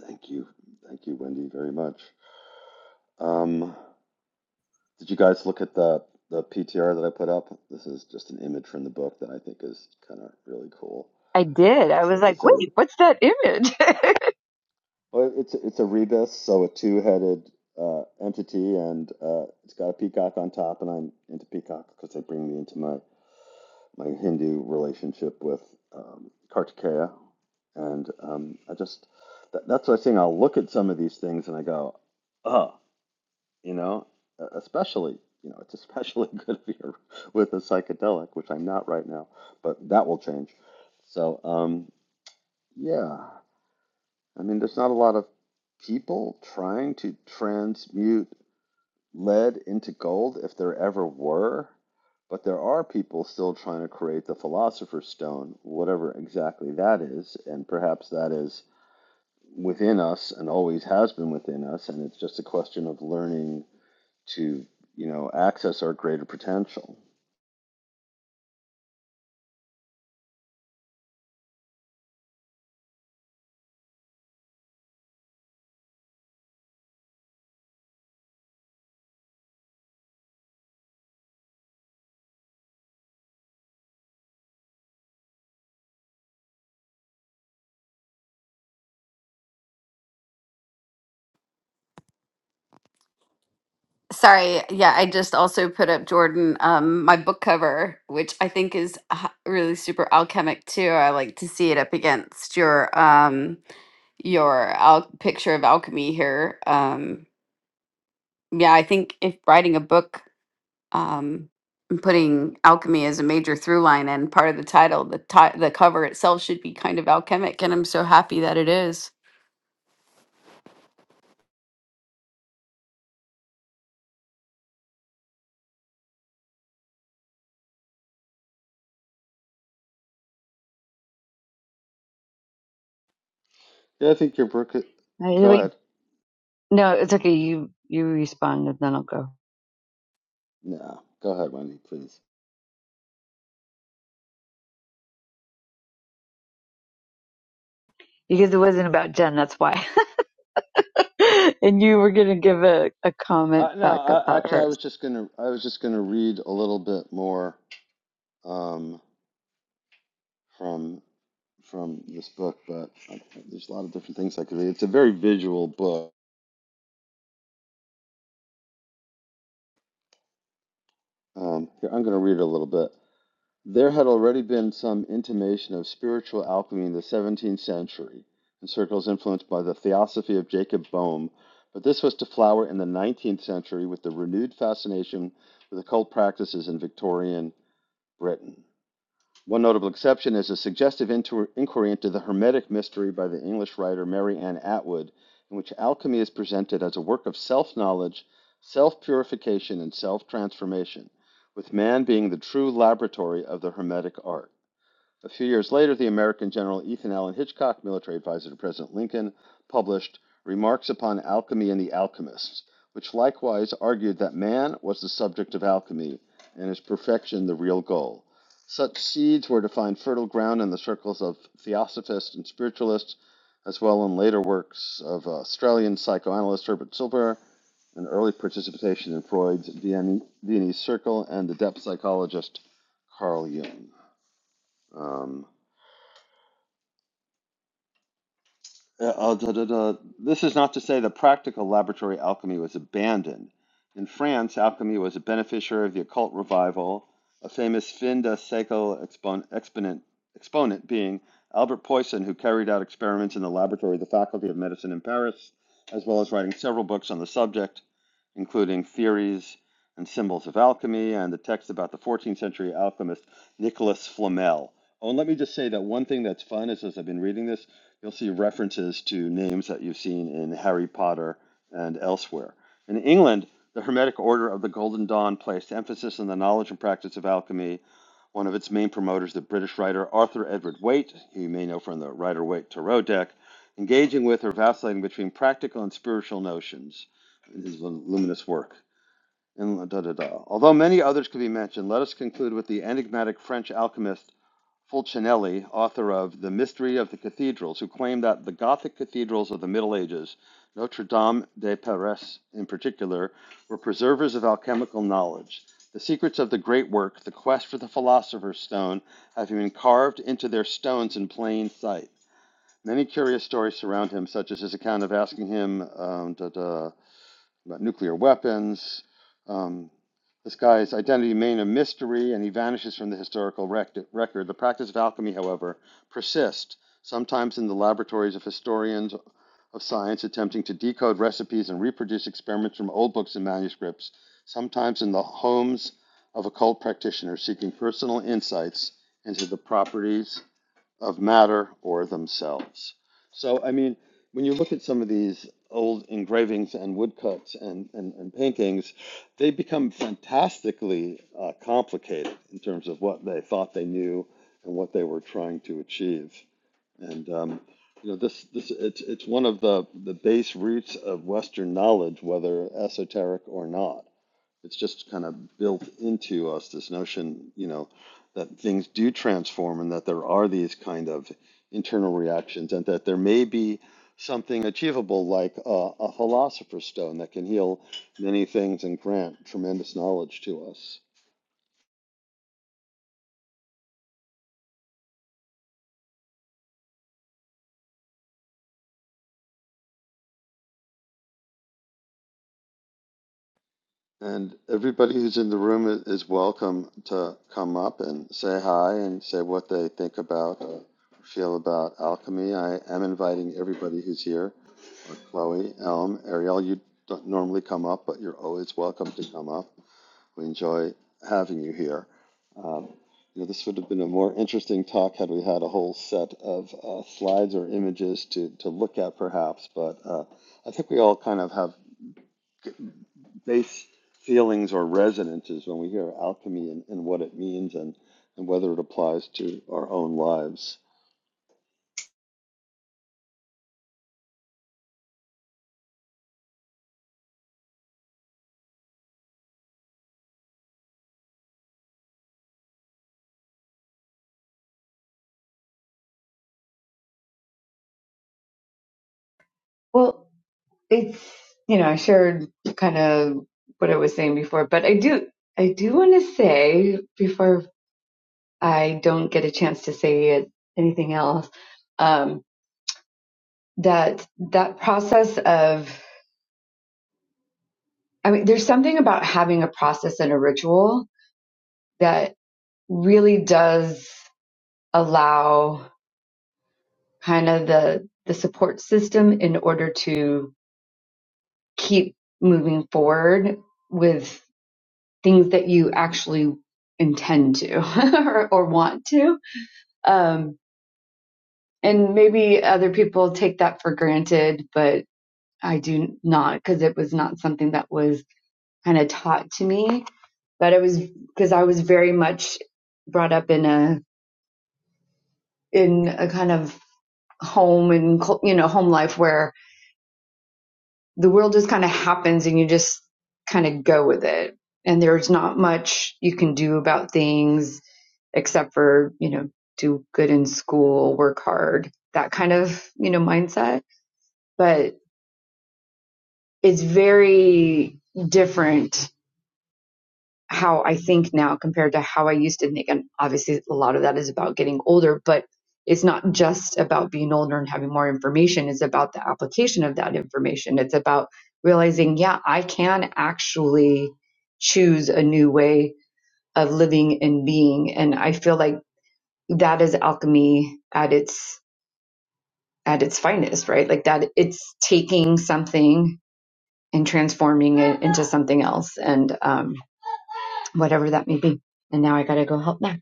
Thank you. Thank you, Wendy, very much. Um, did you guys look at the the PTR that I put up? This is just an image from the book that I think is kind of really cool.
I did. I
It's a,
was like,
it's a
wait, what's that image? I,
well, it's a- it's a rebus, so a two-headed uh, entity, and uh, it's got a peacock on top. And I'm into peacock because they bring me into my my Hindu relationship with um, Kartikeya, and um, I just that, that's what I was saying. I'll look at some of these things and I go, oh. you know, Uh, especially, you know, it's especially good if you're with a psychedelic, which I'm not right now, but that will change. So, um, yeah, I mean, there's not a lot of people trying to transmute lead into gold if there ever were, but there are people still trying to create the philosopher's stone, whatever exactly that is, and perhaps that is within us and always has been within us, and it's just a question of learning to you know access our greater potential.
sorry yeah i just also put up jordan um, my book cover which i think is h- really super alchemic too i like to see it up against your um, your al- picture of alchemy here um, yeah i think if writing a book um, I'm putting alchemy as a major through line and part of the title. The ti- the cover itself should be kind of alchemic, and I'm so happy that it is.
Yeah, I think your book. Go
wait,
ahead.
no, it's okay. You you respond and then I'll go.
No, go ahead, Wendy, please.
Because it wasn't about Jen, that's why. and you were gonna give a, a comment
Uh, no,
back
I,
about
actually, I was
hers.
just gonna. I was just gonna read a little bit more um, from from this book, but I, there's a lot of different things I could read. It's a very visual book. Um, here, I'm gonna read a little bit. There had already been some intimation of spiritual alchemy in the 17th century, in circles influenced by the theosophy of Jacob Boehm, but this was to flower in the 19th century with the renewed fascination with occult practices in Victorian Britain. One notable exception is a suggestive inquiry into the Hermetic mystery by the English writer Mary Ann Atwood, in which alchemy is presented as a work of self knowledge, self purification, and self transformation, with man being the true laboratory of the Hermetic art. A few years later, the American general Ethan Allen Hitchcock, military advisor to President Lincoln, published Remarks upon Alchemy and the Alchemists, which likewise argued that man was the subject of alchemy and his perfection the real goal. Such seeds were to find fertile ground in the circles of theosophists and spiritualists, as well in later works of Australian psychoanalyst Herbert Silver and early participation in Freud's Viennese Circle and the depth psychologist Carl Jung. Um, Uh, uh, da, da, da. This is not to say that practical laboratory alchemy was abandoned. In France, alchemy was a beneficiary of the occult revival, a famous fin de siècle expon- exponent, exponent being Albert Poisson, who carried out experiments in the laboratory of the Faculty of Medicine in Paris, as well as writing several books on the subject, including Theories and Symbols of Alchemy and the text about the 14th century alchemist Nicolas Flamel. Oh, and let me just say that one thing that's fun is as I've been reading this, You'll see references to names that you've seen in Harry Potter and elsewhere. In England, the Hermetic Order of the Golden Dawn placed emphasis on the knowledge and practice of alchemy. One of its main promoters, the British writer Arthur Edward Waite, who you may know from the Rider Waite Tarot deck, engaging with or vacillating between practical and spiritual notions in his luminous work. And da, da, da. Although many others could be mentioned, let us conclude with the enigmatic French alchemist Fulcinelli, author of The Mystery of the Cathedrals, who claimed that the Gothic cathedrals of the Middle Ages, Notre Dame de Paris in particular, were preservers of alchemical knowledge. The secrets of the great work, the quest for the philosopher's stone, have been carved into their stones in plain sight. Many curious stories surround him, such as his account of asking him, um, da, da, about nuclear weapons. Um, this guy's identity remained a mystery, and he vanishes from the historical rec- record. The practice of alchemy, however, persists, sometimes in the laboratories of historians of science attempting to decode recipes and reproduce experiments from old books and manuscripts, sometimes in the homes of occult practitioners seeking personal insights into the properties of matter or themselves. So, I mean, when you look at some of these old engravings and woodcuts and, and, and paintings, they become fantastically uh, complicated in terms of what they thought they knew and what they were trying to achieve. And, um, you know, this, this it's, it's one of the, the base roots of Western knowledge, whether esoteric or not it's just kind of built into us this notion, you know, that things do transform and that there are these kind of internal reactions and that there may be something achievable like a, a philosopher's stone that can heal many things and grant tremendous knowledge to us. And everybody who's in the room i- is welcome to come up and say hi and say what they think about or feel about alchemy. I am inviting everybody who's here, or Chloe, Elm, Ariel. You don't normally come up, but you're always welcome to come up. We enjoy having you here. Um, you know, this would have been a more interesting talk had we had a whole set of uh, slides or images to, to look at, perhaps. But uh, I think we all kind of have Base feelings or resonances when we hear alchemy and, and what it means and, and whether it applies to our own lives.
Well, it's you know, I shared kind of what I was saying before, but I do I do wanna say before I don't get a chance to say it, anything else, um, that that process of I mean, there's something about having a process and a ritual that really does allow kind of the the support system in order to keep moving forward with things that you actually intend to or, or want to um, and maybe other people take that for granted but i do not because it was not something that was kind of taught to me but it was because i was very much brought up in a in a kind of home and you know home life where the world just kind of happens and you just kind of go with it and there's not much you can do about things except for you know do good in school work hard that kind of you know mindset but it's very different how I think now compared to how I used to think. And obviously, a lot of that is about getting older, but it's not just about being older and having more information. It's about the application of that information. It's about realizing, yeah, I can actually choose a new way of living and being. And I feel like that is alchemy at its at its finest, right? Like that it's taking something and transforming it into something else and um, whatever that may be. And now I gotta go help Max.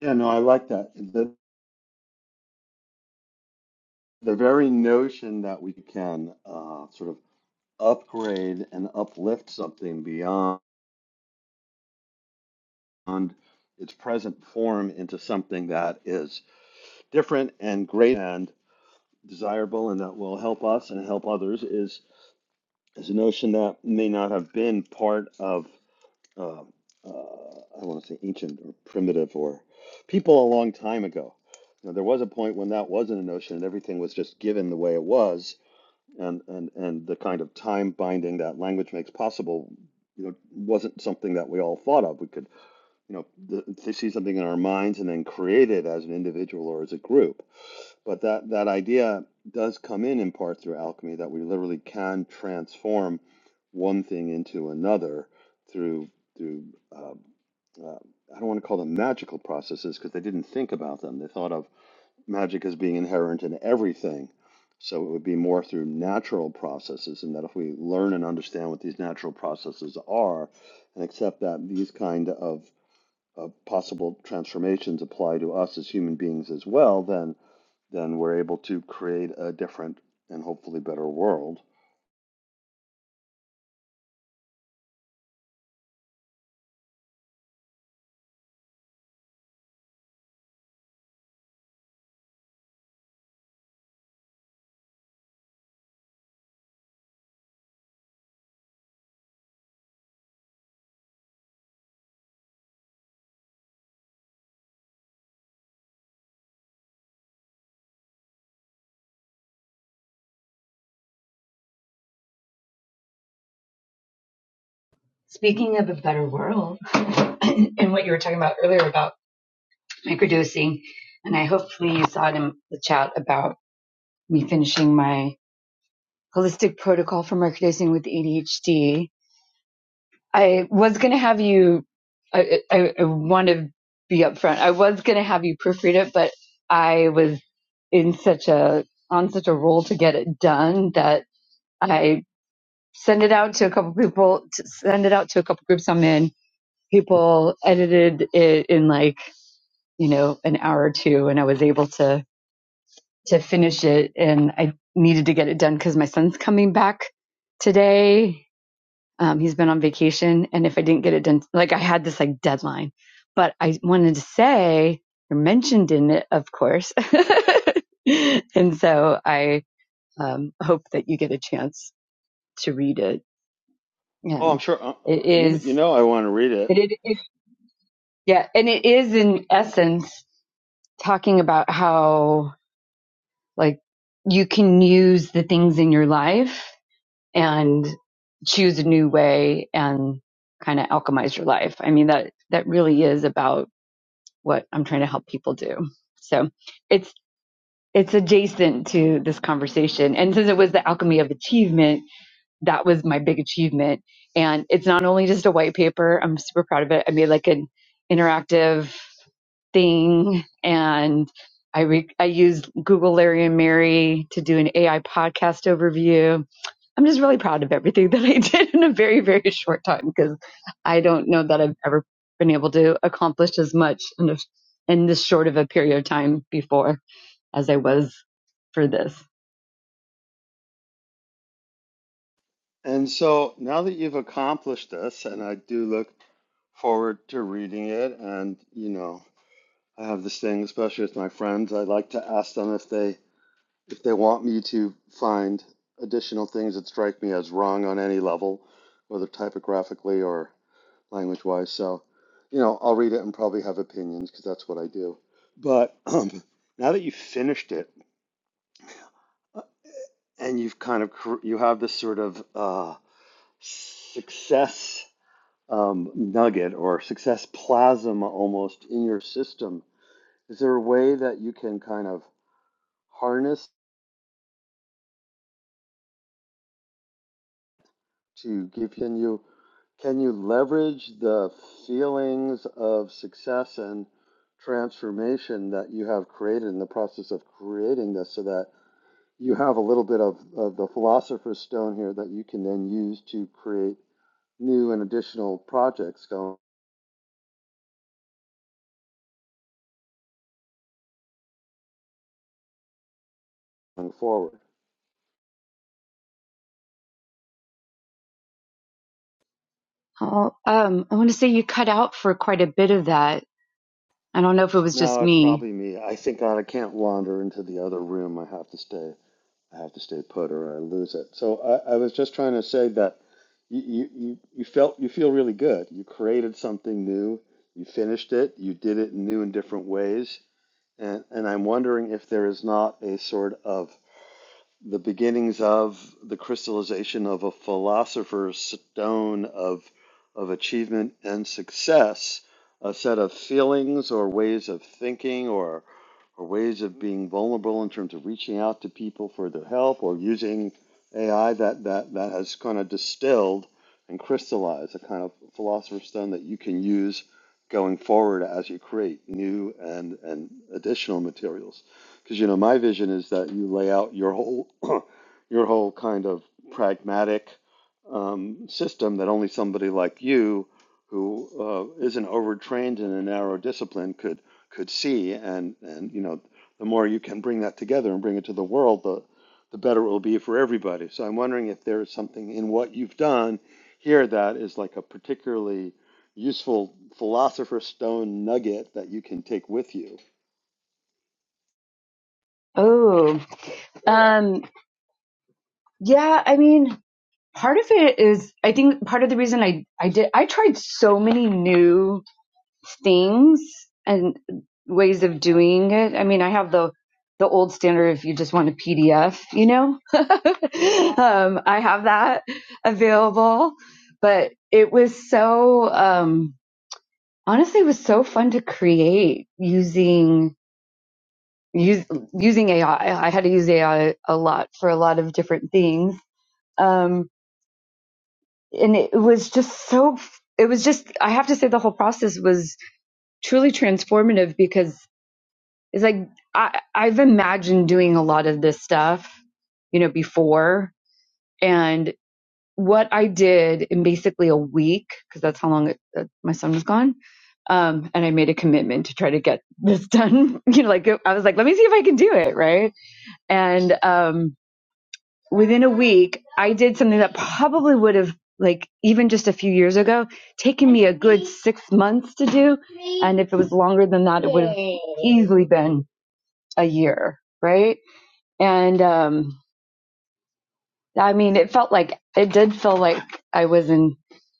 Yeah, no, I like that. The, the very notion that we can uh, sort of upgrade and uplift something beyond its present form into something that is different and great and desirable and that will help us and help others is, is a notion that may not have been part of um, uh, I want to say ancient or primitive or people a long time ago. You know, there was a point when that wasn't a notion and everything was just given the way it was, and and and the kind of time binding that language makes possible, you know, wasn't something that we all thought of. We could, you know, th- see something in our minds and then create it as an individual or as a group. But that, that idea does come in in part through alchemy that we literally can transform one thing into another through through uh, uh, I don't want to call them magical processes because they didn't think about them. They thought of magic as being inherent in everything. So it would be more through natural processes, and that if we learn and understand what these natural processes are and accept that these kind of uh, possible transformations apply to us as human beings as well, then then we're able to create a different and hopefully better world.
Speaking of a better world, and what you were talking about earlier about microdosing, and I hopefully you saw it in the chat about me finishing my holistic protocol for microdosing with ADHD. I was going to have you, I, I, I want to be upfront. I was going to have you proofread it, but I was in such a, on such a roll to get it done that I send it out to a couple people, to send it out to a couple groups I'm in people edited it in like you know an hour or two and i was able to to finish it and i needed to get it done because my son's coming back today um, he's been on vacation and if i didn't get it done like i had this like deadline but i wanted to say you're mentioned in it of course and so i um, hope that you get a chance to read it
Oh, I'm
and
sure. Uh,
it
uh, you
is
you know I want to read it.
it, it, it yeah and it is in essence talking about how like you can use the things in your life and choose a new way and kind of alchemize your life. I mean that that really is about what I'm trying to help people do. So it's it's adjacent to this conversation. And since it was the alchemy of achievement, that was my big achievement. And it's not only just a white paper. I'm super proud of it. I made like an interactive thing and I, re- I used Google Larry and Mary to do an AI podcast overview. I'm just really proud of everything that I did in a very, very short time because I don't know that I've ever been able to accomplish as much in, a, in this short of a period of time before as I was for this.
And so now that you've accomplished this, and I do look forward to reading it, and you know I have this thing, especially with my friends, I like to ask them if they if they want me to find additional things that strike me as wrong on any level, whether typographically or language wise. So, you know, I'll read it and probably have opinions because that's what I do. But um, now that you've finished it uh, and you've kind of cr- you have this sort of uh, success um, nugget or success plasma almost in your system, is there a way that you can kind of harness to give can you can you leverage the feelings of success and transformation that you have created in the process of creating this so that you have a little bit of, of the philosopher's stone here that you can then use to create new and additional projects going forward.
Oh, um, I want to say you cut out for quite a bit of that. I don't know if it was just
No, it's
me.
probably me. I think God, I can't wander into the other room. I have to stay. I have to stay put, or I lose it. So I, I was just trying to say that you, you, you you felt you feel really good. You created something new. You finished it. You did it in new and different ways. And and I'm wondering if there is not a sort of the beginnings of the crystallization of a philosopher's stone of of achievement and success, a set of feelings or ways of thinking or or ways of being vulnerable in terms of reaching out to people for their help or using AI that that, that has kind of distilled and crystallized a kind of philosopher's stone that you can use going forward as you create new and, and additional materials because you know my vision is that you lay out your whole your whole kind of pragmatic um, system that only somebody like you who uh, isn't overtrained in a narrow discipline could could see and and you know the more you can bring that together and bring it to the world the the better it will be for everybody so i'm wondering if there is something in what you've done here that is like a particularly useful philosopher's stone nugget that you can take with you
Oh, um, yeah. I mean, part of it is i think part of the reason i i did i tried so many new things and ways of doing it i mean i have the the old standard if you just want a pdf you know um i have that available but it was so um honestly it was so fun to create using use, using ai i I had to use ai a lot for a lot of different things Um, and it was just so it was just i have to say the whole process was truly transformative because it's like i i've imagined doing a lot of this stuff you know before and what i did in basically a week because that's how long it, uh, my son was gone um and i made a commitment to try to get this done you know like i was like let me see if i can do it right and um within a week, I did something that probably would have, like, even just a few years ago, taken me a good six months to do. And if it was longer than that, it would have easily been a year, right? And, um, I mean, it felt like, it did feel like I was an,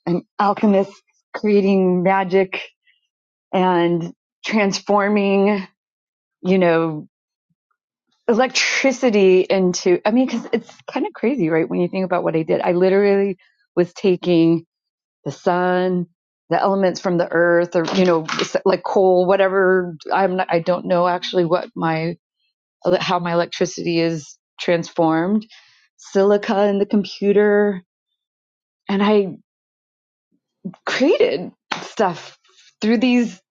an alchemist creating magic and transforming, you know, electricity into, I mean, cause it's kind of crazy, right? When you think about what I did, I literally was taking the sun, the elements from the earth, or you know, like coal, whatever. I'm not, I don't know actually what my how my electricity is transformed. Silica in the computer, and I created stuff through these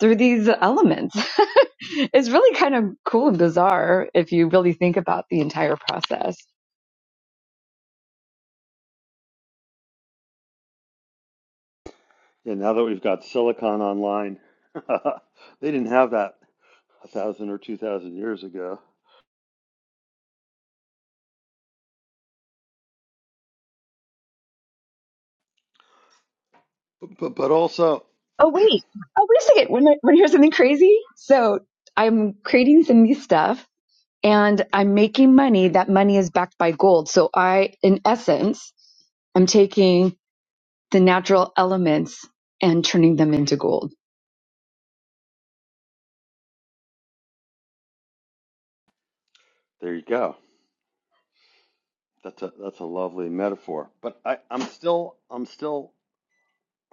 through these elements. it's really kind of cool and bizarre if you really think about the entire process.
Yeah, now that we've got Silicon Online, they didn't have that a thousand or two thousand years ago. But, but but also,
Oh wait, oh wait a second. When I, when I hear something crazy. So I'm creating some new stuff and I'm making money. That money is backed by gold. So I, in essence, I'm taking the natural elements and turning them into gold.
there you go. That's a that's a lovely metaphor. But I I'm still I'm still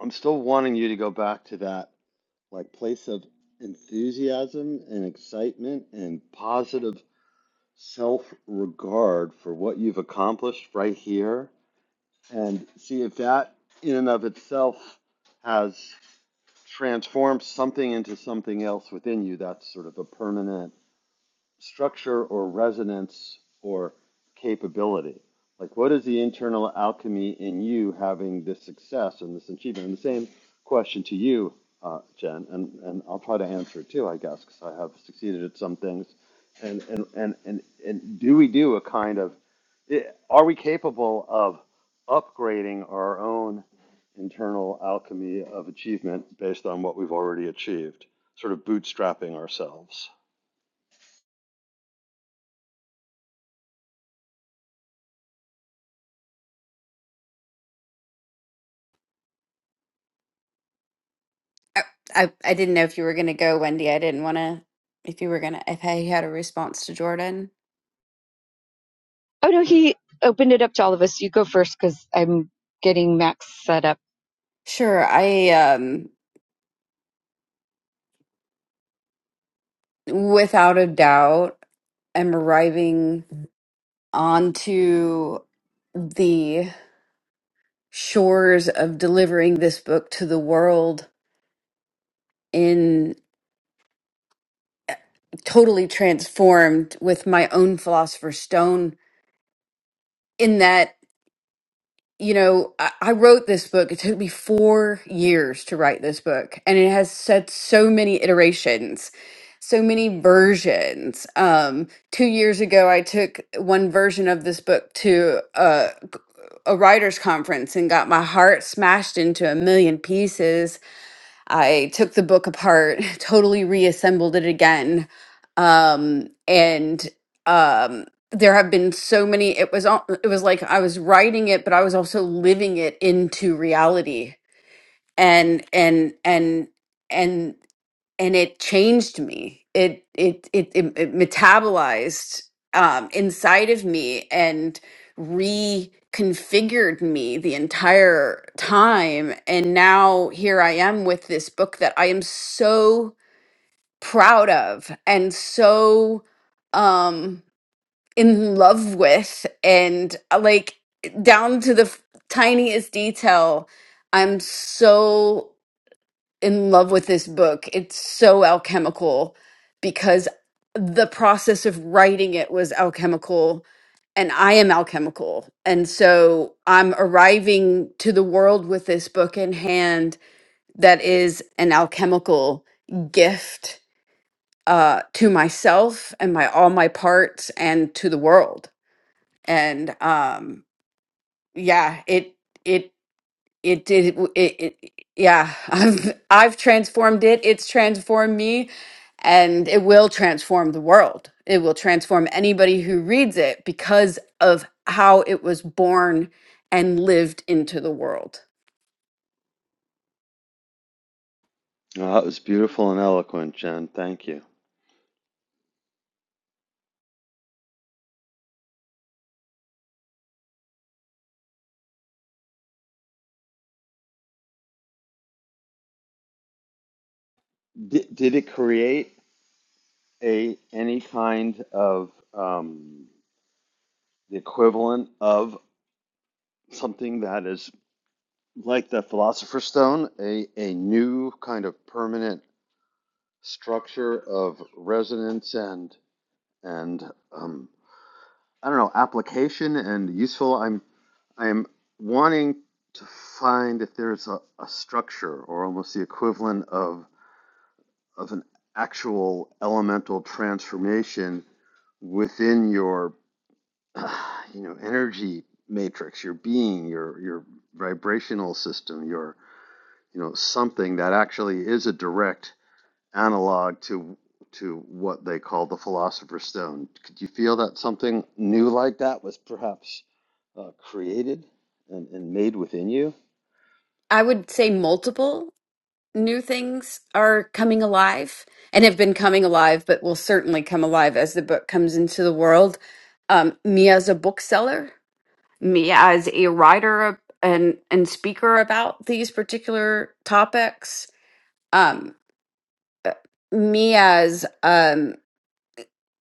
I'm still wanting you to go back to that like place of enthusiasm and excitement and positive self regard for what you've accomplished right here, and see if that in and of itself has. transform something into something else within you that's sort of a permanent structure or resonance or capability? Like, what is the internal alchemy in you having this success and this achievement? And the same question to you, uh, Jen, and, and I'll try to answer it too, I guess, because I have succeeded at some things. And, and, and, and, and do we do a kind of, eh, are we capable of upgrading our own internal alchemy of achievement based on what we've already achieved, sort of bootstrapping ourselves?
I I, I didn't know if you were gonna go, Wendy. I didn't want to. If you were gonna, if I had a response to Jordan,
Oh no, he opened it up to all of us. You go first because I'm getting Max set up.
sure. I um, without a doubt, am arriving onto the shores of delivering this book to the world in. totally transformed with my own philosopher's stone in that you know I, I wrote this book it took me four years to write this book and it has said so many iterations so many versions um two years ago i took one version of this book to a, a writers conference and got my heart smashed into a million pieces I took the book apart, totally reassembled it again. Um, and um, there have been so many. It was al- it was like I was writing it, but I was also living it into reality. And and and and and it changed me. It it it it, it metabolized um, inside of me and reconfigured me the entire time. And now here I am with this book that I am so proud of and so um, in love with, and uh, like down to the f- tiniest detail. I'm so in love with this book. It's so alchemical because the process of writing it was alchemical and I am alchemical. And so I'm arriving to the world with this book in hand that is an alchemical gift uh, to myself and my all my parts and to the world. And um, yeah, it it it did it, it yeah i've i've transformed it it's transformed me and it will transform the world it will transform anybody who reads it because of how it was born and lived into the world
Well, that was beautiful and eloquent, Jen. Thank you. Did, did it create a any kind of um, the equivalent of something that is like the Philosopher's Stone, a a new kind of permanent structure of resonance and and um, I don't know application and useful. I'm I'm wanting to find if there's a, a structure or almost the equivalent of of an actual elemental transformation within your uh, you know energy matrix your being your your vibrational system your you know something that actually is a direct analog to to what they call the philosopher's stone could you feel that something new like that was perhaps uh, created and, and made within you
i would say multiple new things are coming alive and have been coming alive but will certainly come alive as the book comes into the world um, me as a bookseller me as a writer and and speaker about these particular topics um uh, me as um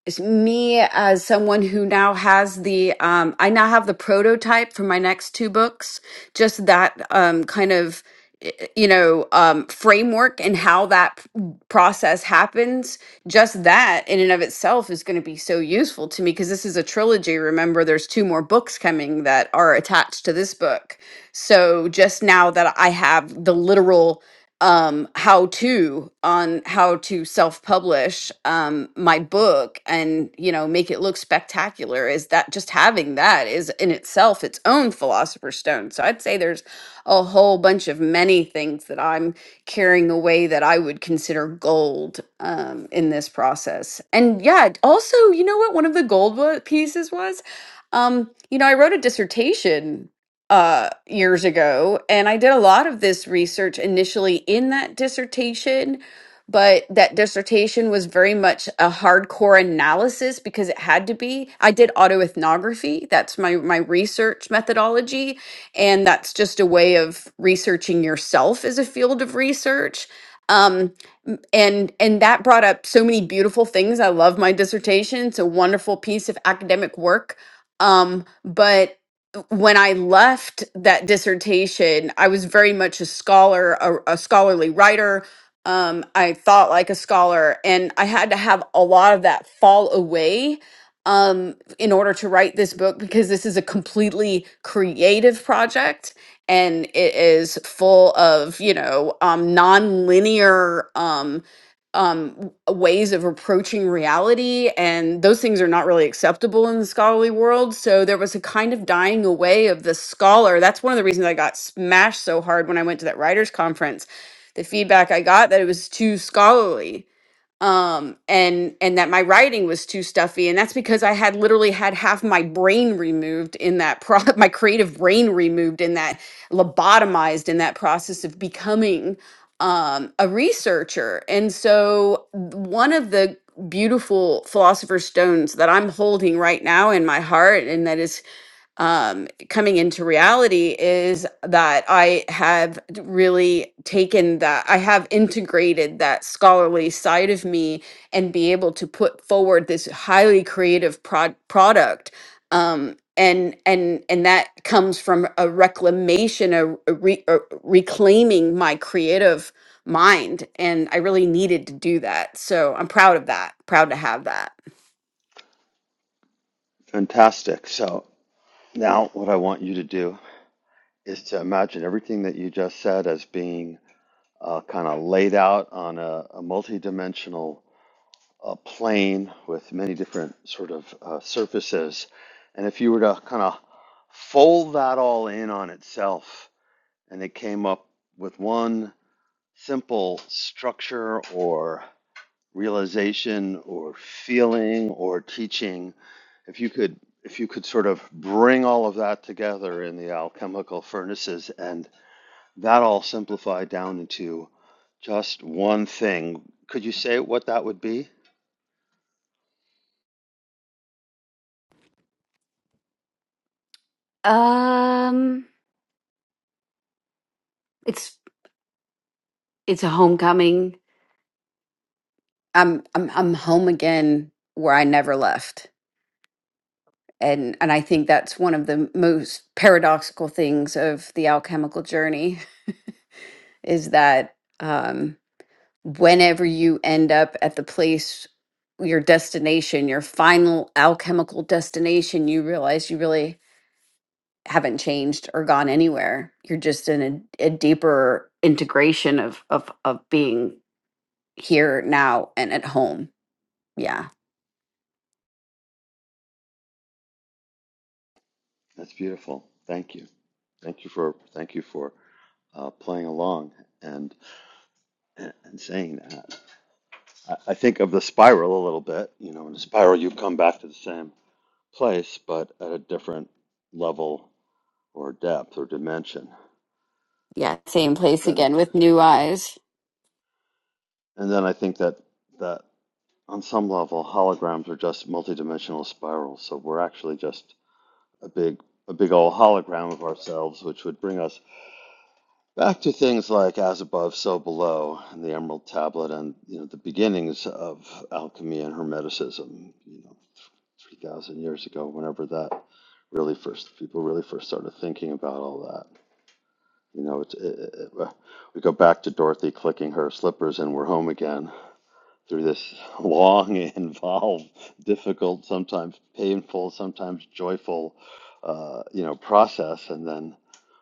s- me as someone who now has the um I now have the prototype for my next two books just that um kind of y- you know um framework and how that p- process happens just that in and of itself is going to be so useful to me because this is a trilogy remember there's two more books coming that are attached to this book so just now that I have the literal um how to on how to self publish um my book and you know make it look spectacular is that just having that is in itself its own philosopher's stone so i'd say there's a whole bunch of many things that i'm carrying away that i would consider gold um in this process and yeah also you know what one of the gold wa- pieces was um you know i wrote a dissertation uh, years ago. And I did a lot of this research initially in that dissertation, but that dissertation was very much a hardcore analysis because it had to be. I did autoethnography. That's my, my research methodology. And that's just a way of researching yourself as a field of research. Um, m- and and that brought up so many beautiful things. I love my dissertation. It's a wonderful piece of academic work. Um, but when I left that dissertation, I was very much a scholar, a, a scholarly writer. Um, I thought like a scholar, and I had to have a lot of that fall away um, in order to write this book because this is a completely creative project and it is full of, you know, um, non um ways of approaching reality and those things are not really acceptable in the scholarly world so there was a kind of dying away of the scholar that's one of the reasons i got smashed so hard when i went to that writers conference the feedback i got that it was too scholarly um and and that my writing was too stuffy and that's because i had literally had half my brain removed in that pro my creative brain removed in that lobotomized in that process of becoming um a researcher and so one of the beautiful philosopher's stones that i'm holding right now in my heart and that is um, coming into reality is that I have d- really taken that, I have integrated that scholarly side of me and be able to put forward this highly creative prod- product. Um, and and and that comes from a reclamation, a, a, re, a reclaiming my creative mind, and I really needed to do that. So I'm proud of that. Proud to have that.
fantastic so now what i want you to do is to imagine everything that you just said as being uh, kind of laid out on a, a multi-dimensional uh, plane with many different sort of uh, surfaces. And if you were to kind of fold that all in on itself, and it came up with one simple structure or realization or feeling or teaching, if you could if you could sort of bring all of that together in the alchemical furnaces and that all simplified down into just one thing. Could you say what that would be?
Um, it's it's a homecoming I'm I'm I'm home again where I never left. And and I think that's one of the most paradoxical things of the alchemical journey is that um whenever you end up at the place your destination, your final alchemical destination, you realize you really haven't changed or gone anywhere. You're just in a, a deeper integration of of of being here now and at home. Yeah.
That's beautiful. Thank you. Thank you for thank you for uh, playing along and and saying that. I, I think of the spiral a little bit. You know, in a spiral, you come back to the same place, but at a different level or depth or dimension.
Yeah, same
But
place
then,
again
ag-
with new eyes.
and then I think that that on some level, holograms are just multidimensional spirals. So we're actually just a big a big old hologram of ourselves, which would bring us back to things like as above, so below, and the Emerald Tablet, and you know the beginnings of alchemy and Hermeticism. You know, three thousand years ago, whenever that really first people really first started thinking about all that. You know, it's it, it, we go back to Dorothy clicking her slippers, and we're home again through this long and involved, difficult, sometimes painful, sometimes joyful, uh, you know, process, and then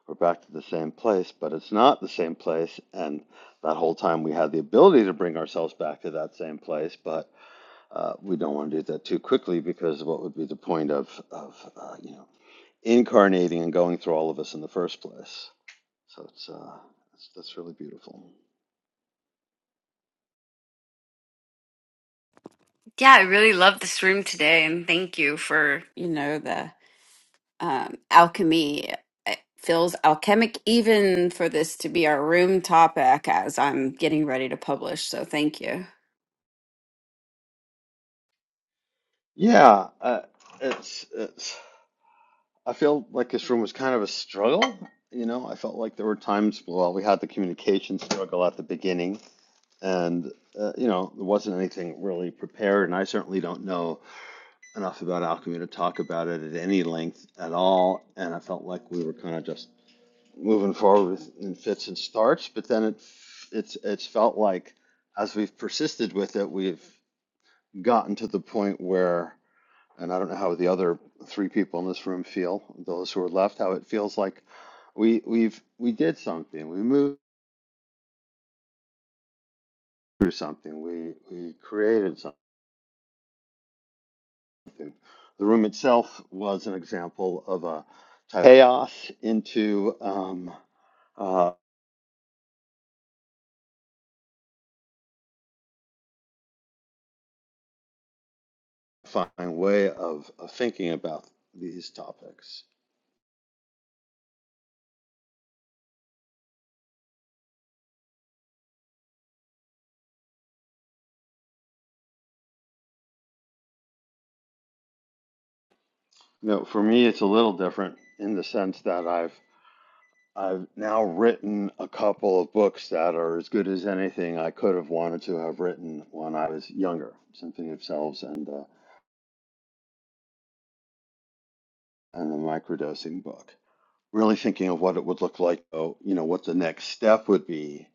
we're back to the same place. But it's not the same place, and that whole time we had the ability to bring ourselves back to that same place, but uh, we don't want to do that too quickly because what would be the point of of uh, you know incarnating and going through all of us in the first place? So it's uh, it's, that's really beautiful.
Yeah, I really love this room today, and thank you for, you know, the um, alchemy. It feels alchemic even for this to be our room topic as I'm getting ready to publish. So thank you.
Yeah, uh, it's it's. I feel like this room was kind of a struggle. You know, I felt like there were times, well, we had the communication struggle at the beginning, and, uh, you know, there wasn't anything really prepared. And I certainly don't know enough about alchemy to talk about it at any length at all. And I felt like we were kind of just moving forward in fits and starts. But then it, it's, it's felt like as we've persisted with it, we've gotten to the point where and I don't know how the other three people in this room feel, those who are left, how it feels like we we've we did something, we moved through something, we we created something. The room itself was an example of a type of chaos into um, uh, fine way of, of thinking about these topics. You know, for me, it's a little different in the sense that I've I've now written a couple of books that are as good as anything I could have wanted to have written when I was younger. Symphony of Selves and uh, and the microdosing book. Really thinking of what it would look like, oh, you know, what the next step would be,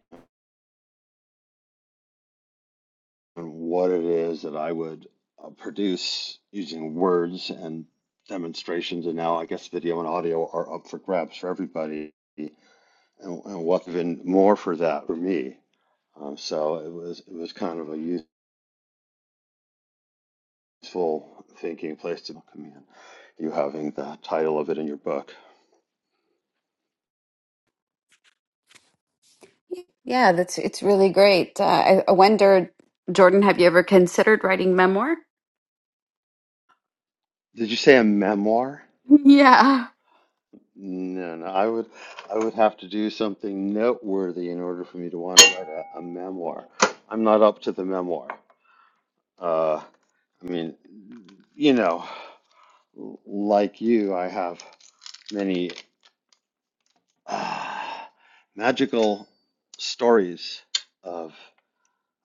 and what it is that I would uh, produce using words and demonstrations. And now I guess video and audio are up for grabs for everybody, and, and what even more for that for me. Um, so it was it was kind of a use. peaceful thinking place to come in. You having the title of it in your book.
Yeah, that's it's really great. Uh, I, I wonder, Jordan, have you ever considered writing memoir?
Did you say a memoir?
Yeah.
No, no. I would, I would have to do something noteworthy in order for me to want to write a, a memoir. I'm not up to the memoir. Uh, I mean, you know, like you, I have many uh, magical stories of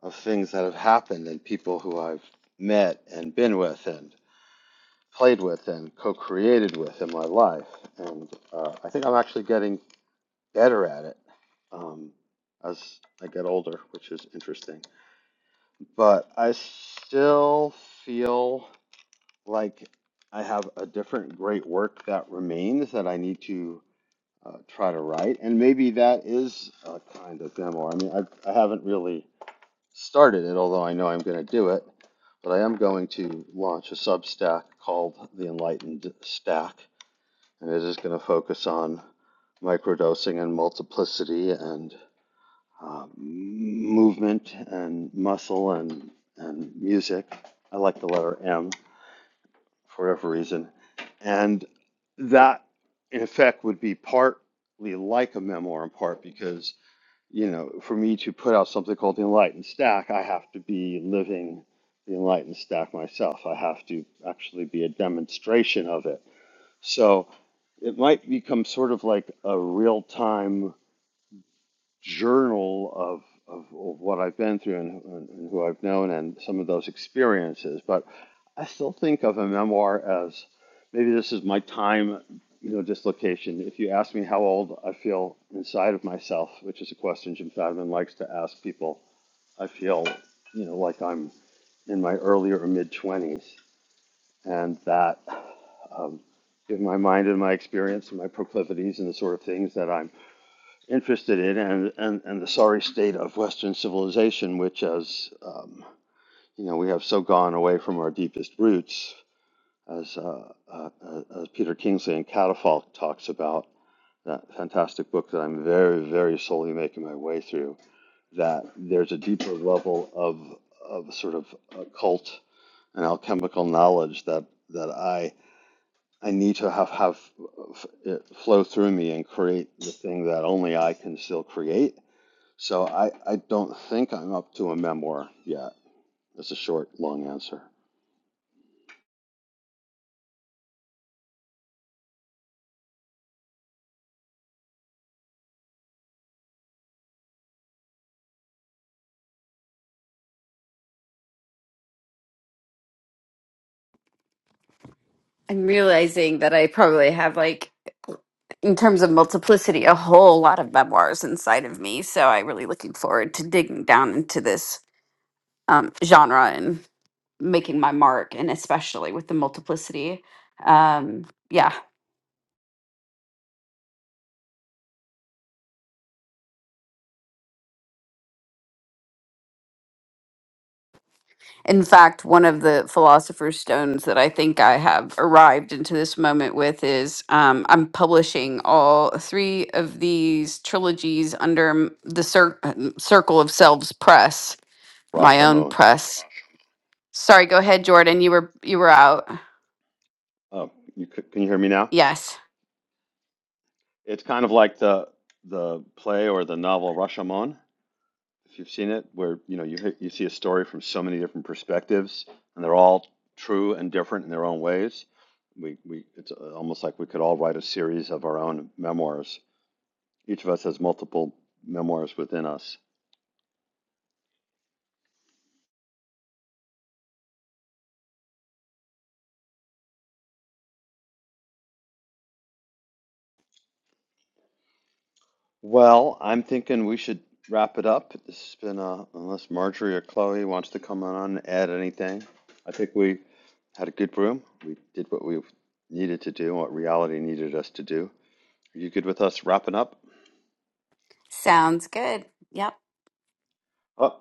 of things that have happened and people who I've met and been with and. played with and co-created with in my life, and uh, I think I'm actually getting better at it um, as I get older, which is interesting. But I still feel like I have a different great work that remains that I need to uh, try to write, and maybe that is a kind of memoir. I mean, I, I haven't really started it, although I know I'm going to do it. But I am going to launch a Substack called The Enlightened Stack, and it is going to focus on microdosing and multiplicity and uh, movement and muscle and and music. I like the letter M for whatever reason, and that in effect would be partly like a memoir in part because you know for me to put out something called the Enlightened Stack, I have to be living the Enlightened Stack myself. I have to actually be a demonstration of it so it might become sort of like a real time journal of, of, of what I've been through and, and, and who I've known and some of those experiences. But I still think of a memoir as maybe this is my time, you know, dislocation. If you ask me how old I feel inside of myself, which is a question Jim Fadiman likes to ask people, I feel, you know, like I'm in my earlier or mid 20s. And that um, given my mind and my experience and my proclivities and the sort of things that I'm interested in, and, and, and the sorry state of Western civilization, which has, um, you know, we have so gone away from our deepest roots, as, uh, uh, uh, as Peter Kingsley and Catafalque talks about, that fantastic book that I'm very, very slowly making my way through, that there's a deeper level of, of sort of occult and alchemical knowledge that, that I I need to have have it flow through me and create the thing that only I can still create. So I, I don't think I'm up to a memoir yet. That's a short, long answer.
I'm realizing that I probably have like in terms of multiplicity, a whole lot of memoirs inside of me. So I'm really looking forward to digging down into this. um, genre and making my mark, and especially with the multiplicity. Um, yeah. In fact, one of the philosopher's stones that I think I have arrived into this moment with is um, I'm publishing all three of these trilogies under m- the cir- um, Circle of Selves Press, my own
Rashomon.
press. Sorry, go ahead, Jordan. You were you were out.
Oh, you can you hear me now?
Yes,
It's kind of like the the play or the novel Rashomon, if you've seen it, where you know you you see a story from so many different perspectives, and they're all true and different in their own ways. We we it's uh, almost like we could all write a series of our own memoirs Each of us has multiple memoirs within us. Well, I'm thinking we should wrap it up. This has been, uh, unless Marjorie or Chloe wants to come on and add anything. I think we had a good room. We did what we needed to do, what reality needed us to do. Are you good with us wrapping up?
sounds good. Yep.
Oh,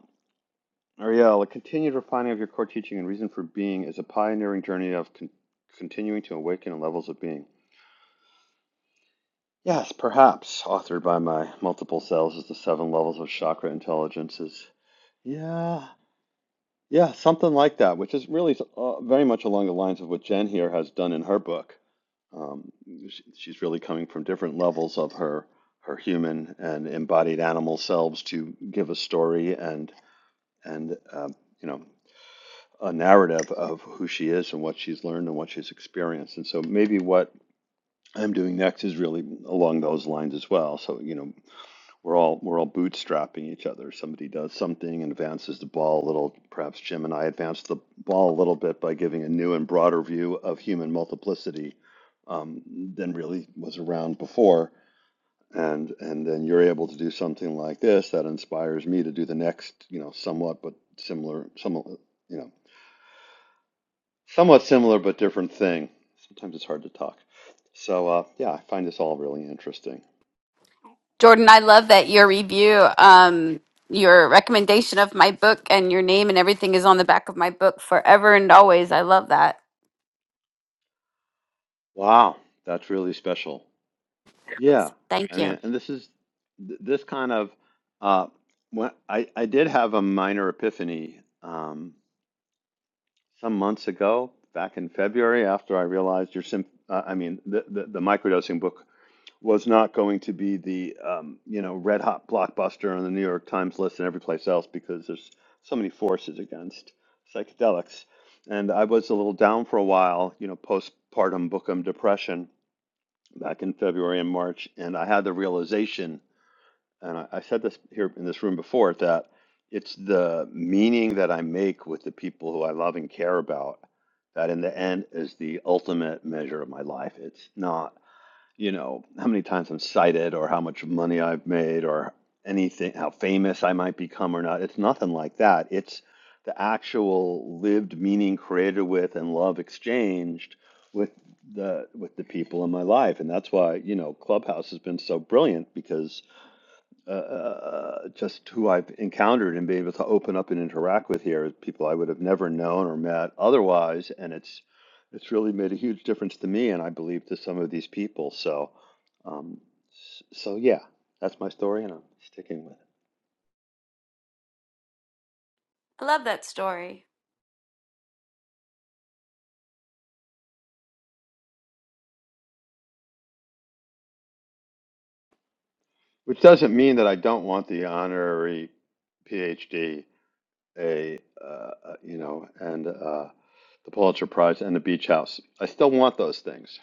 Ariel, a continued refining of your core teaching and reason for being is a pioneering journey of con- continuing to awaken in levels of being. Yes, perhaps, authored by my multiple selves, is the seven levels of chakra intelligences Yeah, yeah, something like that, which is really uh, very much along the lines of what Jen here has done in her book. Um, sh she's really coming from different levels of her her human and embodied animal selves to give a story and and um, you know a narrative of who she is and what she's learned and what she's experienced. And so maybe what I'm doing next is really along those lines as well. So you know, We're all we're all bootstrapping each other. Somebody does something and advances the ball a little. Perhaps Jim and I advanced the ball a little bit by giving a new and broader view of human multiplicity um, than really was around before. And and then you're able to do something like this that inspires me to do the next, you know, somewhat but similar, somewhat you know, somewhat similar but different thing. Sometimes it's hard to talk. So uh, yeah, I find this all really interesting.
Jordan, I love that your review, um, your recommendation of my book and your name and everything is on the back of my book forever and always. I love that.
Wow, that's really special. Yeah, I mean, and this is th- this kind of uh, when I I did have a minor epiphany um, some months ago, back in February, after I realized your sim. Uh, I mean, the, the the microdosing book was not going to be the um, you know red hot blockbuster on the New York Times list and every place else because there's so many forces against psychedelics, and I was a little down for a while, you know, postpartum bookum depression back in February and March, and I had the realization and I, I said this here in this room before that it's the meaning that I make with the people who I love and care about that in the end is the ultimate measure of my life. It's not, you know, how many times I'm cited or how much money I've made or anything, how famous I might become or not. It's nothing like that. It's the actual lived meaning created with and love exchanged with the with the people in my life and that's why you know clubhouse has been so brilliant because uh, uh, just who I've encountered and been able to open up and interact with here, people I would have never known or met otherwise, and it's it's really made a huge difference to me, and I believe to some of these people. So, um, s- so yeah, that's my story, and I'm sticking with it.
I love that story.
Which doesn't mean that I don't want the honorary PhD. a uh, uh, you know and uh, the Pulitzer Prize and the Beach House. I still want those things,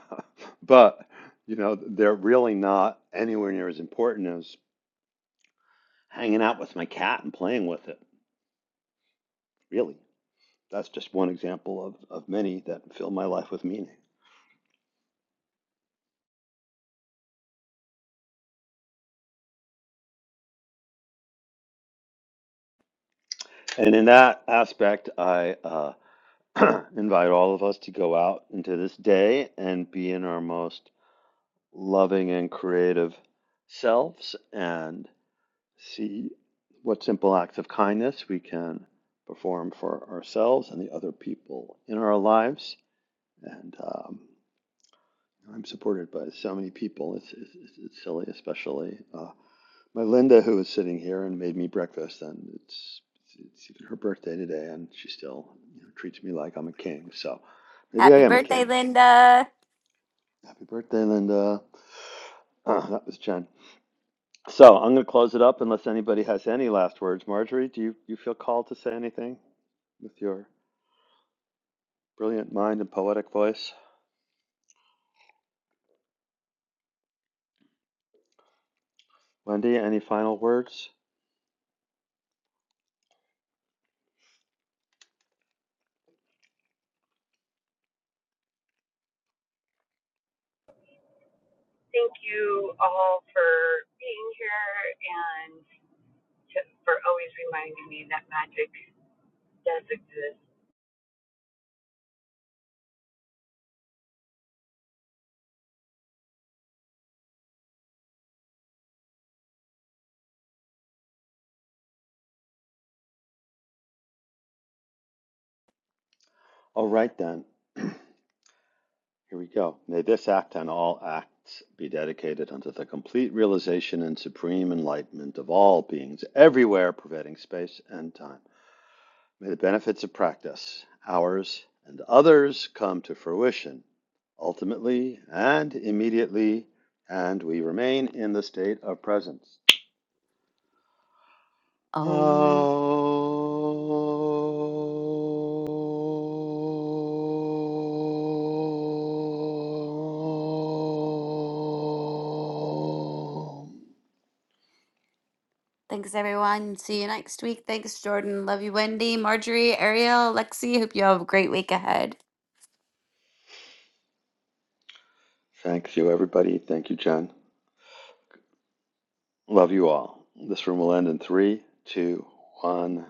but you know they're really not anywhere near as important as hanging out with my cat and playing with it. Really, that's just one example of of many that fill my life with meaning. And in that aspect, I uh, invite all of us to go out into this day and be in our most loving and creative selves and. See what simple acts of kindness we can perform for ourselves and the other people in our lives. And um, I'm supported by so many people. It's, it's, it's silly, especially uh, my Linda, who is sitting here and made me breakfast. And it's, it's even her birthday today, and she still you know, treats me like I'm a king. So maybe I
Happy
am a
birthday,
king.
Linda.
Happy birthday, Linda. Uh, that was John So I'm going to close it up unless anybody has any last words. Marjorie, do you, you feel called to say anything with your brilliant mind and poetic voice? Wendy, any final words? All right then. Here we go. May this act and all acts be dedicated unto the complete realization and supreme enlightenment of all beings everywhere, pervading space and time. May the benefits of practice, ours and others, come to fruition, ultimately and immediately, and we remain in the state of presence. Om.
Thanks, everyone. See you next week. Thanks, Jordan. Love you, Wendy, Marjorie, Ariel, Lexi. Hope you have a great week ahead.
Thank you, everybody. Thank you, Jen. Love you all. This room will end in three, two, one.